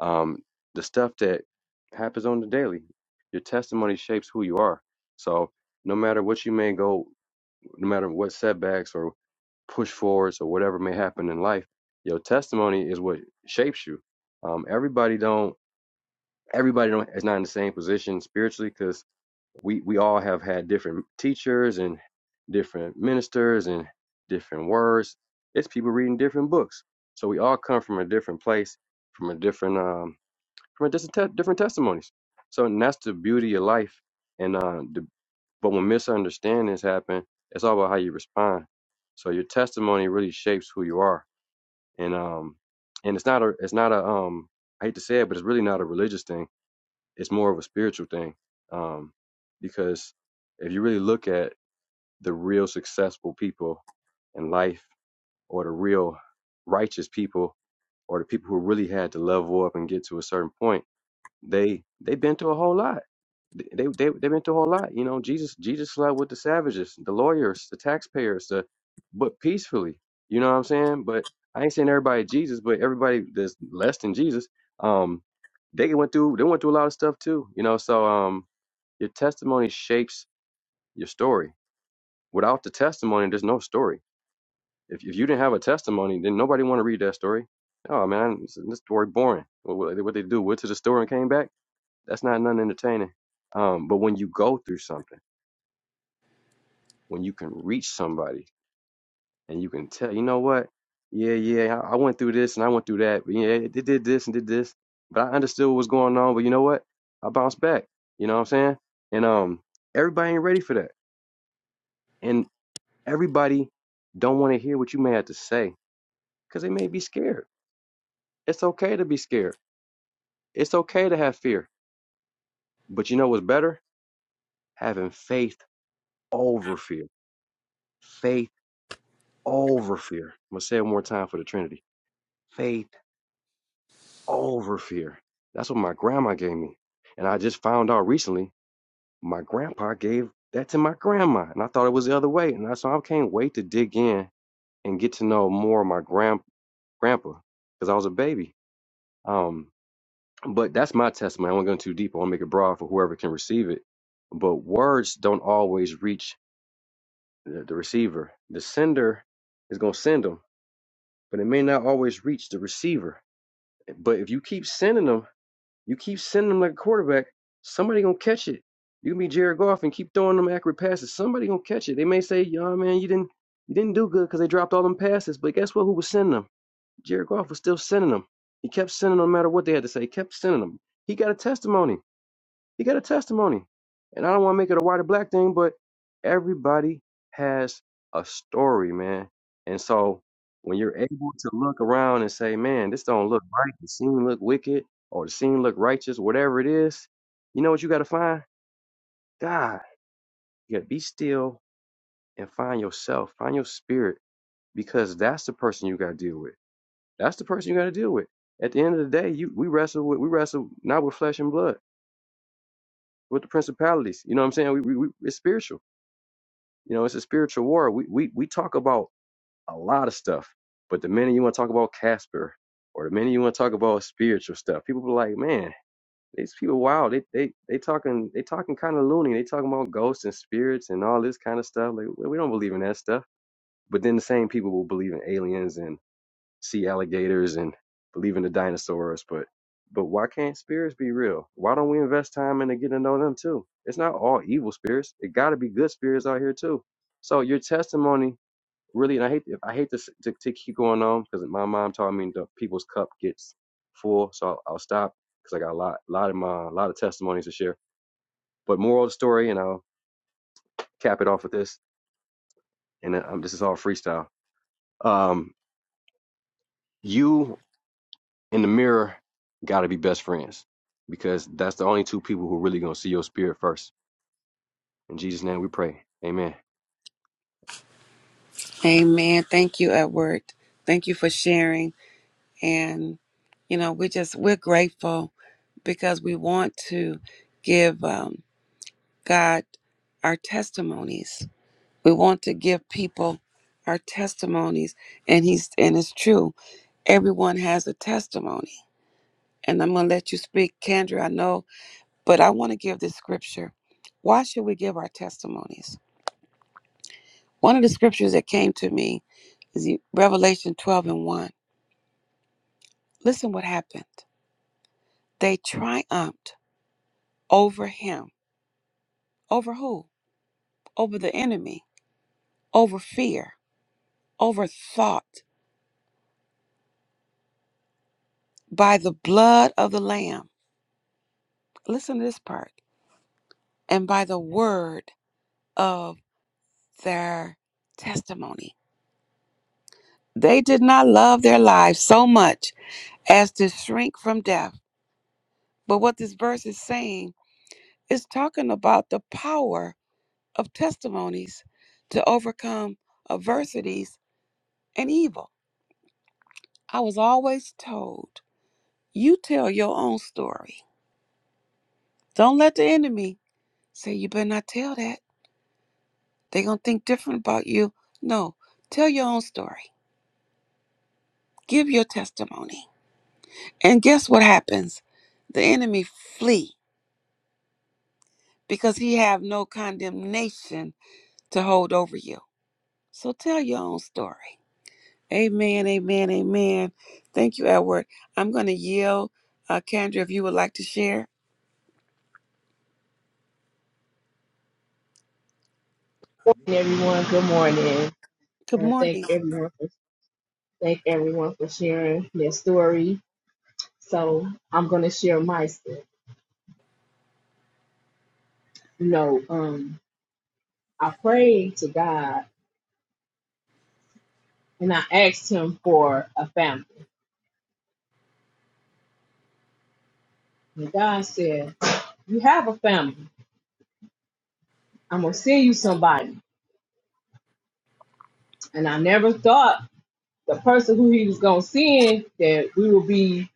Speaker 3: um, the stuff that happens on the daily. Your testimony shapes who you are. So no matter what you may go, no matter what setbacks or push forwards or whatever may happen in life, your testimony is what shapes you. Um, everybody don't everybody don't is not in the same position spiritually because we we all have had different teachers and different ministers and different words. It's people reading different books. So we all come from a different place, from a different um, from different, te- different testimonies. So and that's the beauty of life. And uh, the, but when misunderstandings happen, it's all about how you respond. So your testimony really shapes who you are. And um, and it's not a it's not a um I hate to say it, but it's really not a religious thing. It's more of a spiritual thing. Um, because if you really look at the real successful people in life, or the real righteous people, or the people who really had to level up and get to a certain point they they've been through a whole lot. They they they've been through a whole lot. You know, Jesus Jesus slept with the savages, the lawyers, the taxpayers, the but peacefully. You know what I'm saying? But I ain't saying everybody Jesus, but everybody that's less than Jesus, um, they went through they went through a lot of stuff too. You know, so um your testimony shapes your story. Without the testimony, there's no story. If if you didn't have a testimony, then nobody want to read that story. Oh man, this this story boring. What, what what they do? Went to the store and came back that's not nothing entertaining. Um, but when you go through something, when you can reach somebody and you can tell, you know what? Yeah, yeah, I I went through this and I went through that. But yeah, it did this and did this, but I understood what was going on. But you know what? I bounced back. You know what I'm saying? And um, everybody ain't ready for that, and everybody don't want to hear what you may have to say because they may be scared. It's okay to be scared. It's okay to have fear. But you know what's better? Having faith over fear. Faith over fear. I'm going to say it one more time for the Trinity faith over fear. That's what my grandma gave me. And I just found out recently my grandpa gave that to my grandma. And I thought it was the other way. And I, so I can't wait to dig in and get to know more of my grand, grandpa because I was a baby. Um, but that's my testimony. I won't go too deep. I want to make it broad for whoever can receive it. But words don't always reach the, the receiver. The sender is going to send them, but it may not always reach the receiver. But if you keep sending them, you keep sending them like a quarterback, somebody gonna catch it. You can be Jared Goff and keep throwing them accurate passes. Somebody gonna catch it. They may say, "Yo, man, you didn't, you didn't do good because they dropped all them passes." But guess what? Who was sending them? Jared Goff was still sending them. He kept sending them no matter what they had to say. He kept sending them. He got a testimony. You got a testimony. And I don't want to make it a white or black thing, but everybody has a story, man. And so when you're able to look around and say, man, this don't look right, the scene look wicked, or the scene look righteous, whatever it is, you know what you got to find? God. You got to be still and find yourself, find your spirit, because that's the person you got to deal with. That's the person you got to deal with. At the end of the day, you we wrestle with we wrestle not with flesh and blood, with the principalities. You know what I'm saying? We, we, we it's spiritual. You know, it's a spiritual war. We we we talk about a lot of stuff, but the minute you want to talk about Casper or the minute you want to talk about spiritual stuff, people be like, man, these people wow, they they they talking they talking kind of loony. They talking about ghosts and spirits and all this kind of stuff. Like we we don't believe in that stuff. But then the same people will believe in aliens and see alligators and believe in the dinosaurs, but but why can't spirits be real? Why don't we invest time into getting to know them too? It's not all evil spirits. It got to be good spirits out here too. So your testimony really, and I hate I hate to s- to, to keep going on because my mom taught me the people's cup gets full, so I'll, I'll stop because I got a lot lot of my a lot of testimonies to share. But moral of the story, and I'll cap it off with this, and then, um, this is all freestyle. Um, you in the mirror, got to be best friends because that's the only two people who are really going to see your spirit first. In Jesus' name we pray. Amen.
Speaker 1: Amen. Thank you, Edward. Thank you for sharing. And, you know, we just, we're grateful because we want to give um, God our testimonies. We want to give people our testimonies. And he's, and it's true. Everyone has a testimony. And I'm going to let you speak, Kendra, I know, but I want to give this scripture. Why should we give our testimonies? One of the scriptures that came to me Revelation 12 and 1. Listen what happened. They triumphed over him. Over who? Over the enemy, over fear, over thought, by the blood of the Lamb. Listen to this part. And by the word of their testimony. They did not love their lives so much as to shrink from death. But what this verse is saying is talking about the power of testimonies to overcome adversities and evil. I was always told, you tell your own story. Don't let the enemy say, you better not tell that. They're going to think different about you. No, tell your own story. Give your testimony. And guess what happens? The enemy flee because he have no condemnation to hold over you. So tell your own story. Amen, amen, amen. Thank you, Edward. I'm going to yield. Uh, Kendra, if you would like to share.
Speaker 6: everyone. Good morning.
Speaker 1: Good
Speaker 6: Uh, thank
Speaker 1: morning.
Speaker 6: everyone for thank everyone for sharing their story. So I'm gonna share my story. You know, um, I prayed to God and I asked Him for a family. And God said, "You have a family. I'm gonna send you somebody." And I never thought the person who He was gonna send that we will be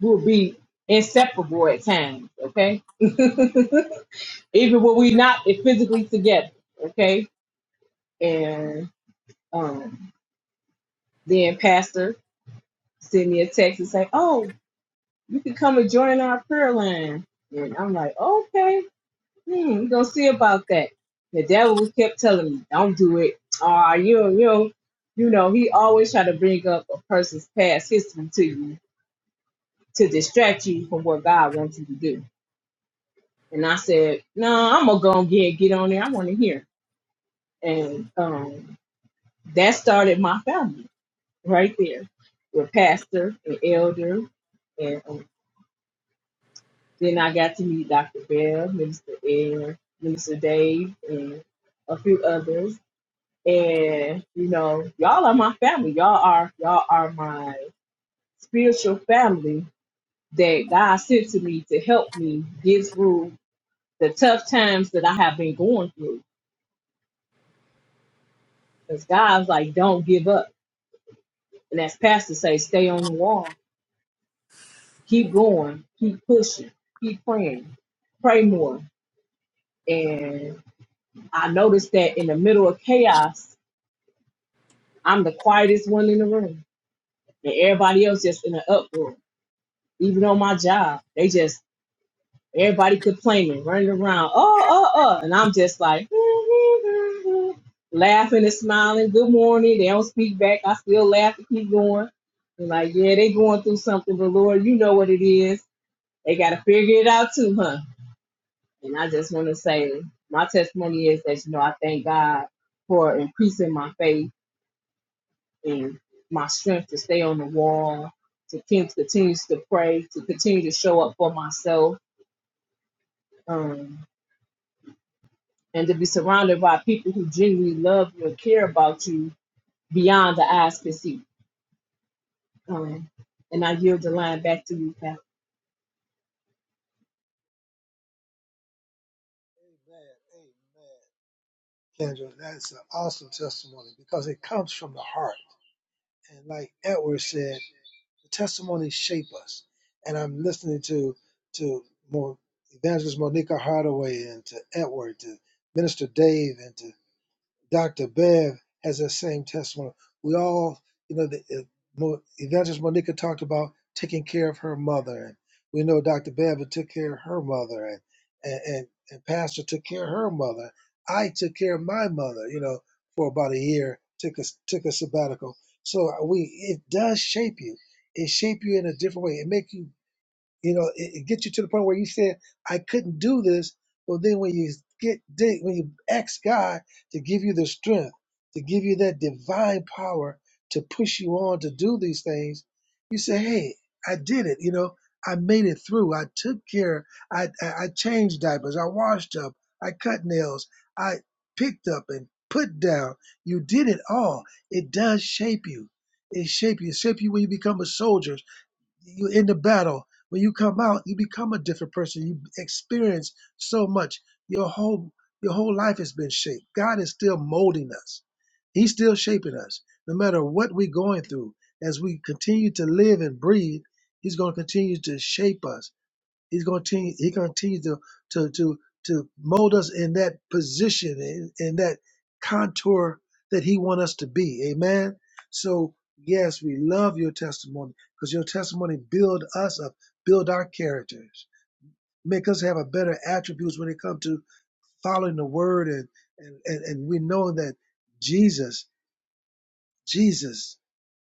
Speaker 6: we will be inseparable at times. Okay, even when we not physically together. Okay, And um, then Pastor sent me a text and say, "Oh, you can come and join our prayer line." And I'm like, "Okay, hmm, we're gonna see about that." The devil kept telling me, "Don't do it." Ah, you you know, you know, he always try to bring up a person's past history to you to distract you from what God wants you to do. And I said, "No, I'm gonna go and get get on there. I want to hear." And um, that started my family right there with pastor and elder. And um, then I got to meet Dr. Bell, Minister Ed, Minister Dave, and a few others. And you know, y'all are my family. Y'all are y'all are my spiritual family that God sent to me to help me get through the tough times that I have been going through. Because God's like, don't give up. And as Pastor say, stay on the wall. Keep going. Keep pushing. Keep praying pray more, And I noticed that in the middle of chaos, I'm the quietest one in the room. And everybody else just in an uproar. Even on my job, they just everybody complaining, running around, oh, oh, oh. And I'm just like laughing and smiling. Good morning. They don't speak back. I still laugh and keep going. And like, yeah, they going through something, but Lord, you know what it is. They gotta figure it out too, huh? And I just want to say my testimony is that, you know, I thank God for increasing my faith and my strength to stay on the wall, to keep, continue to pray, to continue to show up for myself, um, and to be surrounded by people who genuinely love you and care about you beyond the eyes can see. Um, and I yield the line back to you, Pastor.
Speaker 2: Amen. Amen. Kendra, that's an awesome testimony because it comes from the heart. And like Edward said, The testimonies shape us. And I'm listening to to more evangelist Monica Hardaway and to Edward, to Minister Dave, and to Dr. Bev has that same testimony. We all, you know, the, uh, Mo- Evangelist Monica talked about taking care of her mother, and we know Dr. Bev took care of her mother, and and, and and Pastor took care of her mother. I took care of my mother, you know, for about a year. took a took a sabbatical. So uh, we, it does shape you. It shape you in a different way. It make you you know, it, it gets you to the point where you say, I couldn't do this. Well, then when you get dig- when you ask God to give you the strength, to give you that divine power to push you on to do these things, you say, Hey, I did it, you know, I made it through. I took care, I I, I changed diapers, I washed up, I cut nails, I picked up and put down. You did it all. It does shape you. It shape you. It shape you when you become a soldier you in the battle when you come out you become a different person you experience so much your whole your whole life has been shaped god is still molding us he's still shaping us no matter what we're going through as we continue to live and breathe he's going to continue to shape us He's going to continue, he continues to, to, to, to mold us in that position, in, in that contour that he wants us to be. Amen. So, yes, we love your testimony because your testimony build us up, build our characters, make us have a better attributes when it comes to following the word. And, and, and, and we know that Jesus, Jesus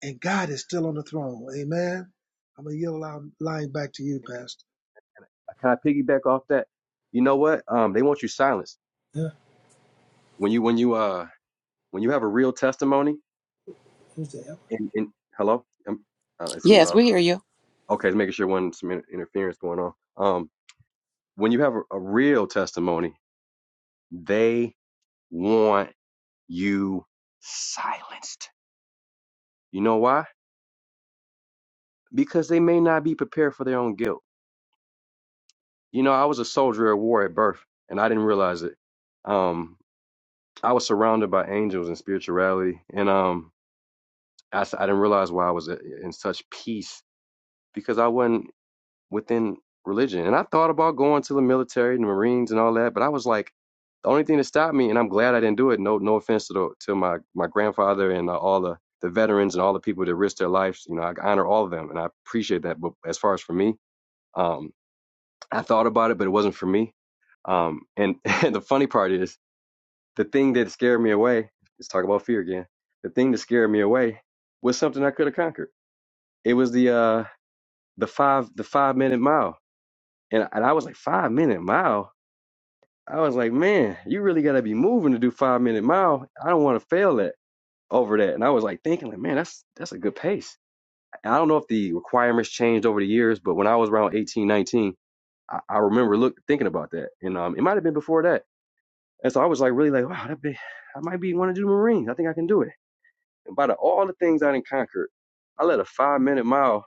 Speaker 2: and God is still on the throne. Amen. I'm going to yield line line back to you, Pastor.
Speaker 3: Can I piggyback off that? You know what? Um, they want you silenced. When you, when you, uh, when you have a real testimony and, and hello, um, uh, it's,
Speaker 1: Yes, we
Speaker 3: um,
Speaker 1: hear you.
Speaker 3: okay. It's making sure one, some inter- interference going on. Um, when you have a, a real testimony, they want you silenced. You know why? Because they may not be prepared for their own guilt You know, I was a soldier at war at birth, and I didn't realize it. Um, I was surrounded by angels and spirituality, and um, I, s- I didn't realize why I was i- in such peace because I wasn't within religion. And I thought about going to the military and the Marines and all that, but I was like, the only thing that stopped me, and I'm glad I didn't do it. No, no offense to the, to my my grandfather and uh, all the the veterans and all the people that risked their lives. You know, I honor all of them, and I appreciate that. But as far as for me. um, I thought about it, but it wasn't for me. Um, and, and the funny part is the thing that scared me away. Let's talk about fear again. The thing that scared me away was something I could have conquered. It was the uh, the five the five minute mile, and and I was like five minute mile. I was like, man, you really gotta be moving to do five minute mile. I don't want to fail that over that. And I was like thinking, like, man, that's that's a good pace. I don't know if the requirements changed over the years, but when I was around 18, 19, I, I remember look thinking about that, and um, it might have been before that And so I was like, really like, wow, that be, I might be want to do the Marines. I think I can do it. And by the, all the things I didn't conquer, I let a five minute mile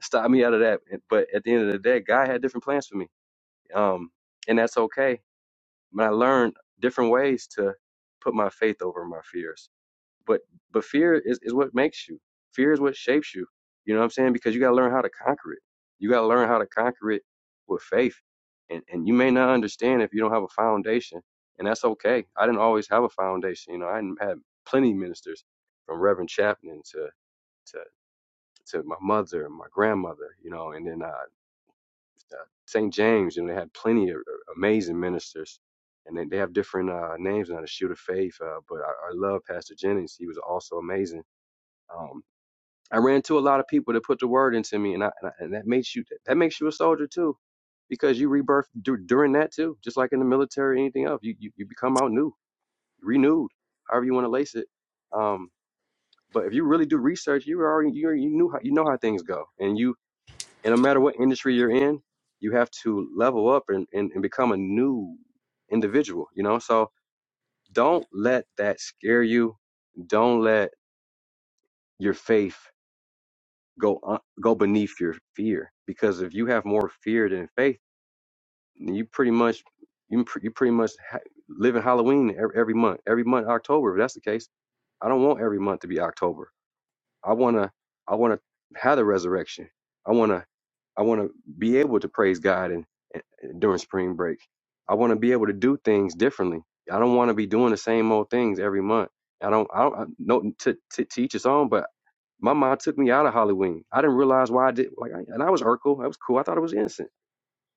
Speaker 3: stop me out of that. But at the end of the day, God had different plans for me. Um, and that's okay. But I learned different ways to put my faith over my fears but but fear is, is what makes you fear is what shapes you you know what i'm saying because you got to learn how to conquer it you got to learn how to conquer it with faith and and you may not understand if you don't have a foundation and that's okay i didn't always have a foundation you know i didn't had plenty of ministers from reverend chapman to to to my mother and my grandmother you know and then uh, uh st james you know they had plenty of uh, amazing ministers and they, they have different uh, names now, the Shoot of Faith. Uh, but I, I love Pastor Jennings. He was also amazing um, I ran to a lot of people that put the word into me, and, I, and, I, and that makes you that makes you a soldier too, because you rebirth dur- during that too, just like in the military, anything else. You you, you become out new, renewed, however you want to lace it. Um, but if you really do research, you already you already- you knew how you know how things go, and you and no matter what industry you're in, you have to level up and and, and become a new individual. You know, so don't let that scare you. Don't let your faith go un- go beneath your fear because if you have more fear than faith then you pretty much you, pr- you pretty much ha- live in halloween every, every month every month october if that's the case i don't want every month to be october I want to I want to have the resurrection. I want to I want to be able to praise God and, and during spring break. I want to be able to do things differently. I don't want to be doing the same old things every month. I don't I don't I, no to, to to each his own, but my mom took me out of Halloween. I didn't realize why I did like I- and I was Urkel. That was cool. I thought it was innocent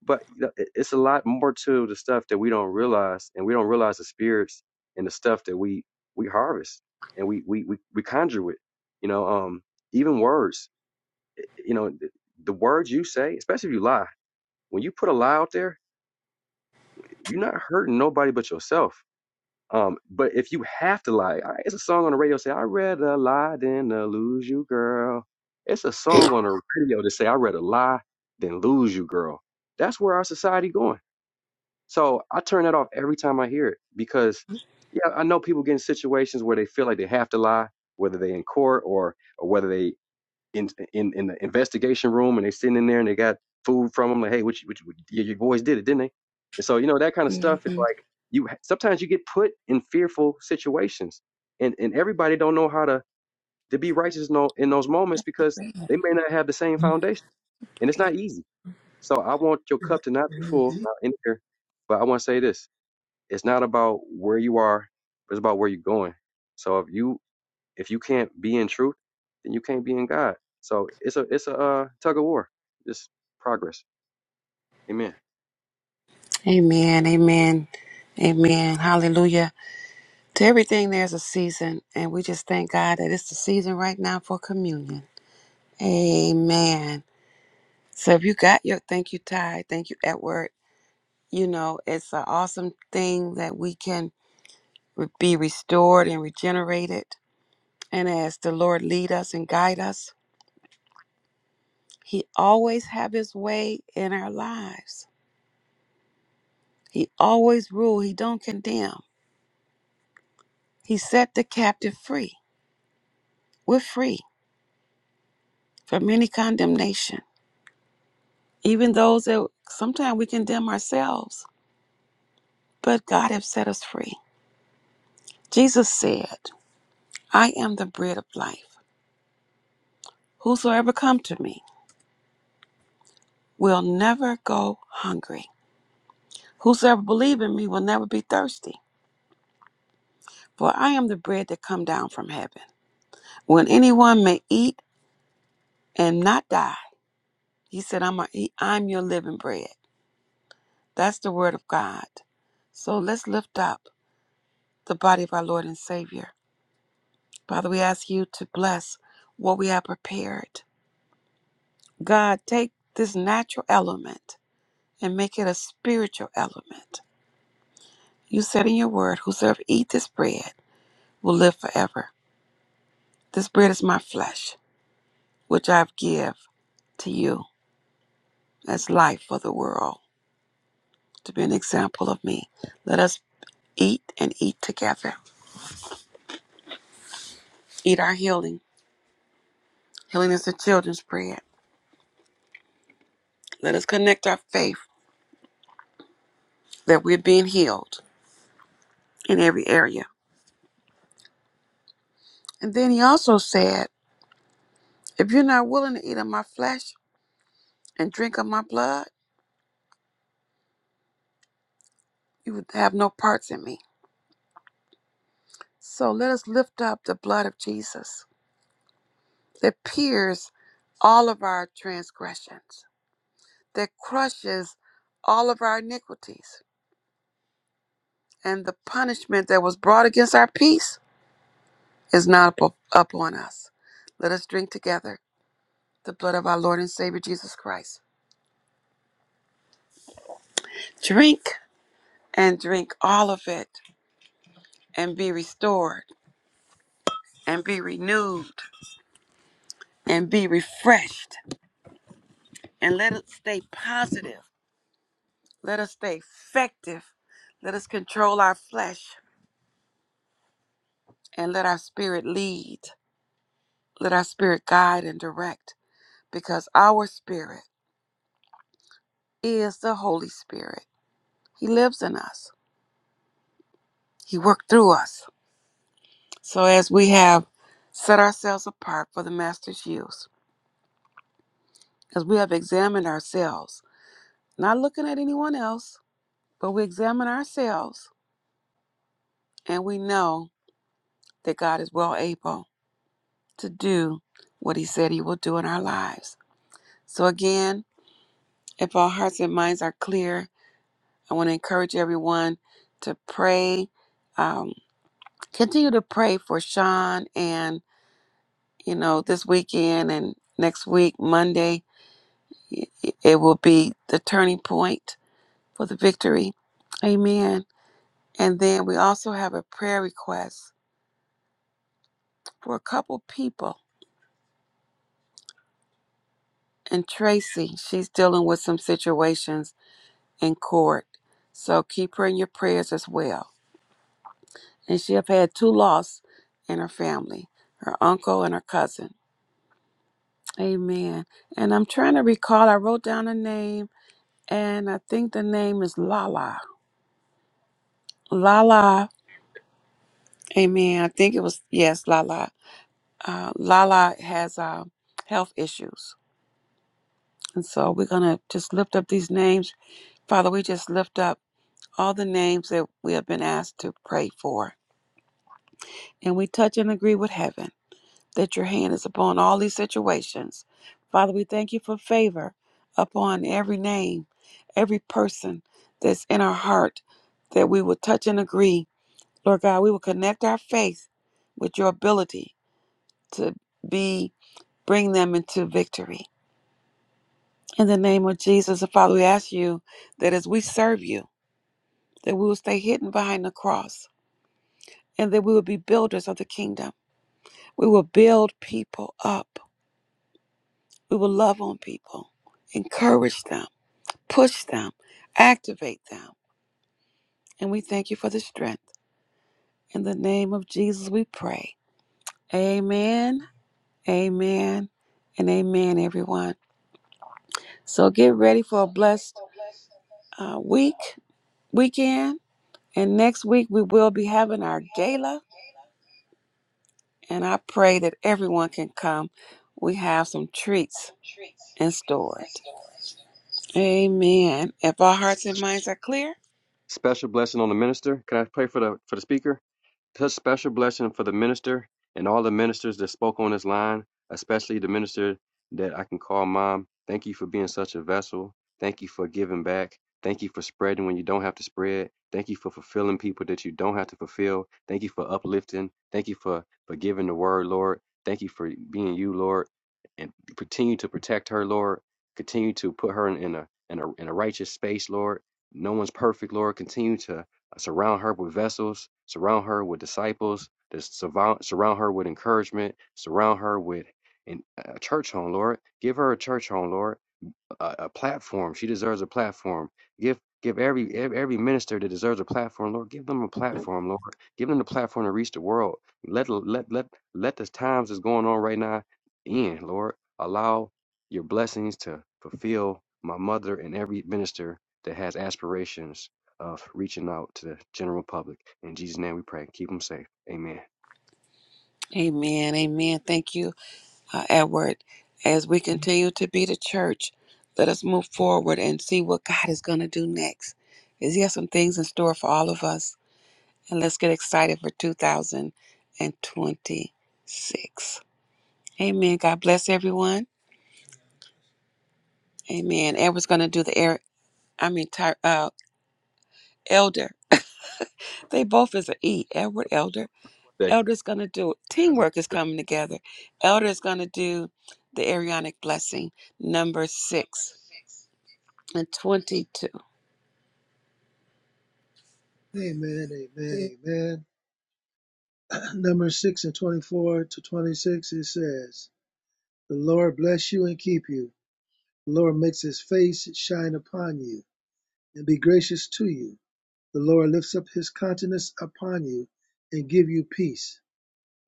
Speaker 3: but you know, it- it's a lot more to the stuff that we don't realize, and we don't realize the spirits and the stuff that we we harvest and we we we, we conjure with. You know, um, even words. You know, the, the words you say, especially if you lie. When you put a lie out there, you're not hurting nobody but yourself. Um, but if you have to lie, I- it's a song on the radio say, "I'd rather lie than to lose you, girl." It's a song on the radio to say, "I'd rather lie than lose you, girl." That's where our society going So I turn that off every time I hear it because, yeah, I know people get in situations where they feel like they have to lie, whether they in court or or whether they in in, in the investigation room and they sitting in there and they got food from them like, hey, what you, what you, your your boys did it, didn't they? And so you know that kind of stuff is
Speaker 1: hmm
Speaker 3: like you ha- sometimes you get put in fearful situations, and and everybody don't know how to to be righteous in, tho- in those moments because they may not have the same foundation, and it's not easy. So I want your cup to not be full uh, in here, but I want to say this. It's not about where you are, but it's about where you're going. So if you if you can't be in truth, then you can't be in God. So it's a it's a uh, tug of war. Just progress. Amen.
Speaker 1: Amen. Amen. Amen. Hallelujah. To everything, there's a season, and we just thank God that it's the season right now for communion. Amen. So if you got your thank you, Ty, thank you, Edward, you know, it's an awesome thing that we can re- be restored and regenerated. And as the Lord lead us and guide us, he always have his way in our lives. He always rule, he don't condemn. He set the captive free. We're free from any condemnation. Even those that sometimes we condemn ourselves, but God have set us free. Jesus said, I am the bread of life. Whosoever come to me will never go hungry. Whosoever believe in me will never be thirsty. For I am the bread that come down from heaven. When anyone may eat and not die, he said, I'm, a, he, I'm your living bread. That's the word of God. So let's lift up the body of our Lord and Savior. Father, we ask you to bless what we have prepared. God, take this natural element and make it a spiritual element. You said in your word, Whosoever eat this bread will live forever. This bread is my flesh, which I've give to you as life for the world, to be an example of me. Let us Eat and eat together. Eat our healing. Healing is the children's bread. Let us connect our faith that we're being healed in every area. And then he also said, If you're not willing to eat of my flesh and drink of my blood, you would have no parts in me. So let us lift up the blood of Jesus that pierces all of our transgressions, that crushes all of our iniquities, and the punishment that was brought against our peace is not up, upon us. Let us drink together the blood of our Lord and Savior Jesus Christ. Drink and drink all of it and be restored and be renewed and be refreshed and let us stay positive. Let us stay effective. Let us control our flesh and let our spirit lead. Let our spirit guide and direct because our spirit is the Holy Spirit. He lives in us, He worked through us. So as we have set ourselves apart for the master's use, as we have examined ourselves, not looking at anyone else, but we examine ourselves and we know that God is well able to do what he said he will do in our lives. So again, if our hearts and minds are clear, I want to encourage everyone to pray, um, continue to pray for Sean and, you know, this weekend and next week, Monday, It will be the turning point for the victory. Amen. And then we also have a prayer request for a couple people. And Tracy, she's dealing with some situations in court. So keep her in your prayers as well. And she have had two losses in her family, her uncle and her cousin. Amen. And I'm trying to recall, I wrote down a name, and I think the name is Lala.
Speaker 3: Now, if-
Speaker 1: Lala. Amen. I think it was, yes, Lala. uh, Lala has uh, health issues. And so we're going to just lift up these names. Father, we just lift up all the names that we have been asked to pray for. And we touch and agree with heaven that your hand is upon all these situations. Father, we thank you for favor upon every name, every person that's in our heart, that we will touch and agree. Lord God, we will connect our faith with your ability to be bring them into victory. In the name of Jesus, and Father, we ask you that as we serve you, that we will stay hidden behind the cross and that we will be builders of the kingdom. We will build people up. We will love on people, encourage them, push them, activate them. And we thank you for the strength. In the name of Jesus, we pray. Amen, amen, and amen, everyone. So get ready for a blessed uh, week, weekend. And next week, we will be having our gala And I pray that everyone can come. We have some treats in store. Amen. If our hearts and minds are clear,
Speaker 3: Special blessing on the minister. Can I pray for the for the speaker? Such special blessing for the minister and all the ministers that spoke on this line, especially the minister that I can call mom. Thank you for being such a vessel. Thank you for giving back. Thank you for spreading when you don't have to spread. Thank you for fulfilling people that you don't have to fulfill. Thank you for uplifting. Thank you for, for giving the word, Lord. Thank you for being you, Lord. And continue to protect her, Lord. Continue to put her in, in a in a in a righteous space, Lord. No one's perfect, Lord. Continue to uh, surround her with vessels, surround her with disciples, dis- surround, surround her with encouragement, surround her with an, a church home, Lord. Give her a church home, Lord a, a platform. She deserves a platform. Give give every e, every minister that deserves a platform, Lord, give them a platform, Lord. Give them the platform to reach the world. Let let let let the times that's going on right now end, Lord. Allow your blessings to fulfill my mother and every minister that has aspirations of reaching out to the general public. In Jesus' name we pray. Keep them safe. Amen.
Speaker 1: amen. Amen. Thank you uh, Edward, as we continue to be the church, let us move forward and see what God is going to do next. Is He has some things in store for all of us, and let's get excited for 2026. Amen. God bless everyone. Amen. Edward's going to do the air. I mean, ty- uh, elder. they both is an E. Edward Elder. Elder's going to do teamwork is coming together. Elder is going to do the Arianic blessing number six and 22.
Speaker 2: Amen, amen, amen. Number six and twenty-four to twenty-six, it says, "The Lord bless you and keep you. The Lord makes His face shine upon you and be gracious to you. The Lord lifts up His countenance upon you and give you peace."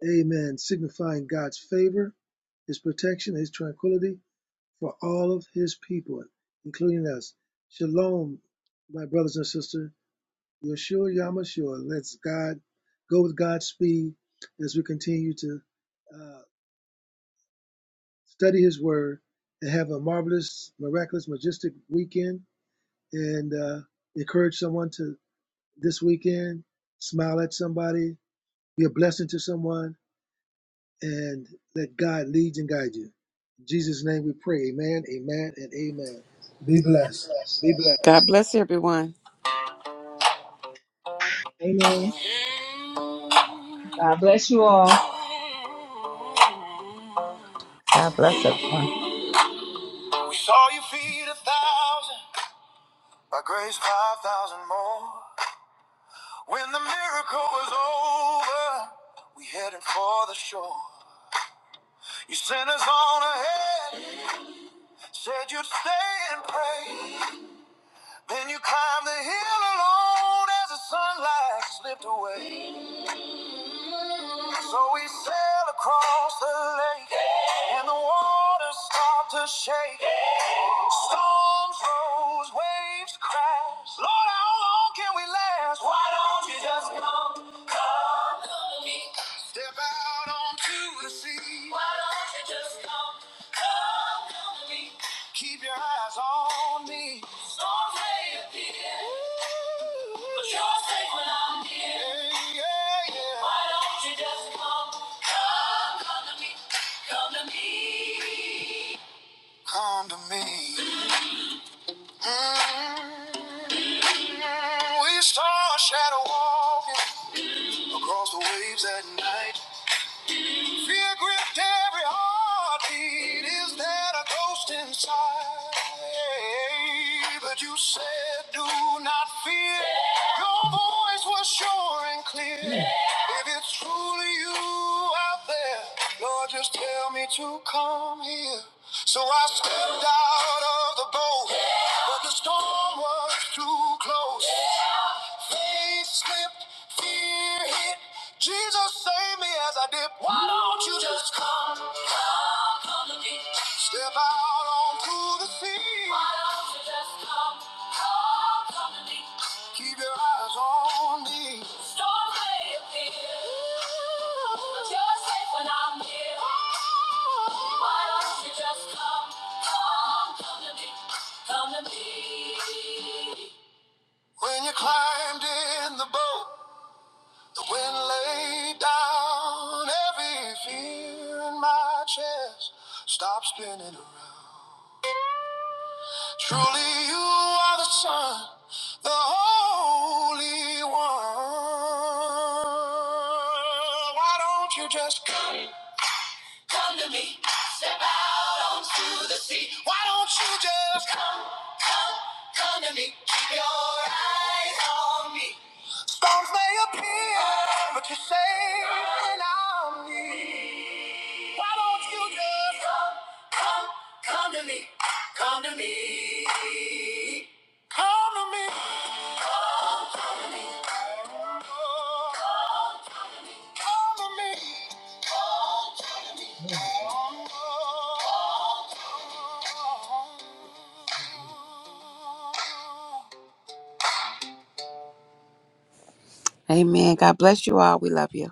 Speaker 2: Amen. Signifying God's favor, His protection, His tranquility for all of His people, including us. Shalom, my brothers and sisters. Yeshua Yamashua. Let's God go with God's speed as we continue to. uh, study His Word, and have a marvelous, miraculous, majestic weekend. And uh, encourage someone to this weekend, smile at somebody, be a blessing to someone, and let God lead and guide you. In Jesus' name we pray. Amen, amen, and amen.
Speaker 1: Be blessed.
Speaker 2: Be blessed.
Speaker 1: God bless everyone. We
Speaker 6: Amen. God bless you all.
Speaker 5: God bless
Speaker 7: Yes,
Speaker 5: everyone.
Speaker 7: you are. You are.
Speaker 1: saw you feed a thousand, by grace five thousand more. When the miracle was over, we headed for the shore. You sent us on ahead, said you'd stay and pray. Then you climbed the hill alone as the sunlight slipped away. So we sailed across the lake, and the water started to shake. Storms rose, waves crash. Lord, how long can we last? Why don't you just come, come to me? Step out onto the sea. Why don't you just come, come to me? Keep your eyes on me. Storms may appear, but you're safe when I'm here. Yeah, yeah, yeah. Why don't you just come, come, come to me, come to me, come to me. Mm, We saw a shadow walking across the waves at night. Fear gripped every heartbeat. Is there a ghost inside? But you said, Do not fear. Your voice was sure and clear. If it's truly you out there, Lord, just tell me to come here. So I stepped out of the boat, but the storm was too close. Faith slipped, fear hit. Jesus saved me as I dip. Why don't you just come, come, come to me? Step out onto the sea. Why don't you just come, come, come to me? Keep your eyes on me. Storms may appear, but you're safe when I'm here. Why don't you just come, come, come to me, come to me? When you climbed in the boat, the wind laid down every fear in my chest. Stop spinning around. Truly, you are the Son, the Holy One. Why don't you just come, come to me? Step out onto the sea. Why don't you just Come, come to me. Keep your eyes on me. Storms may appear, but you're safe when I'm near. Why won't you just come, come, come to me? Come to me. Come to me. Come to me. Amen. God bless you all. We love you.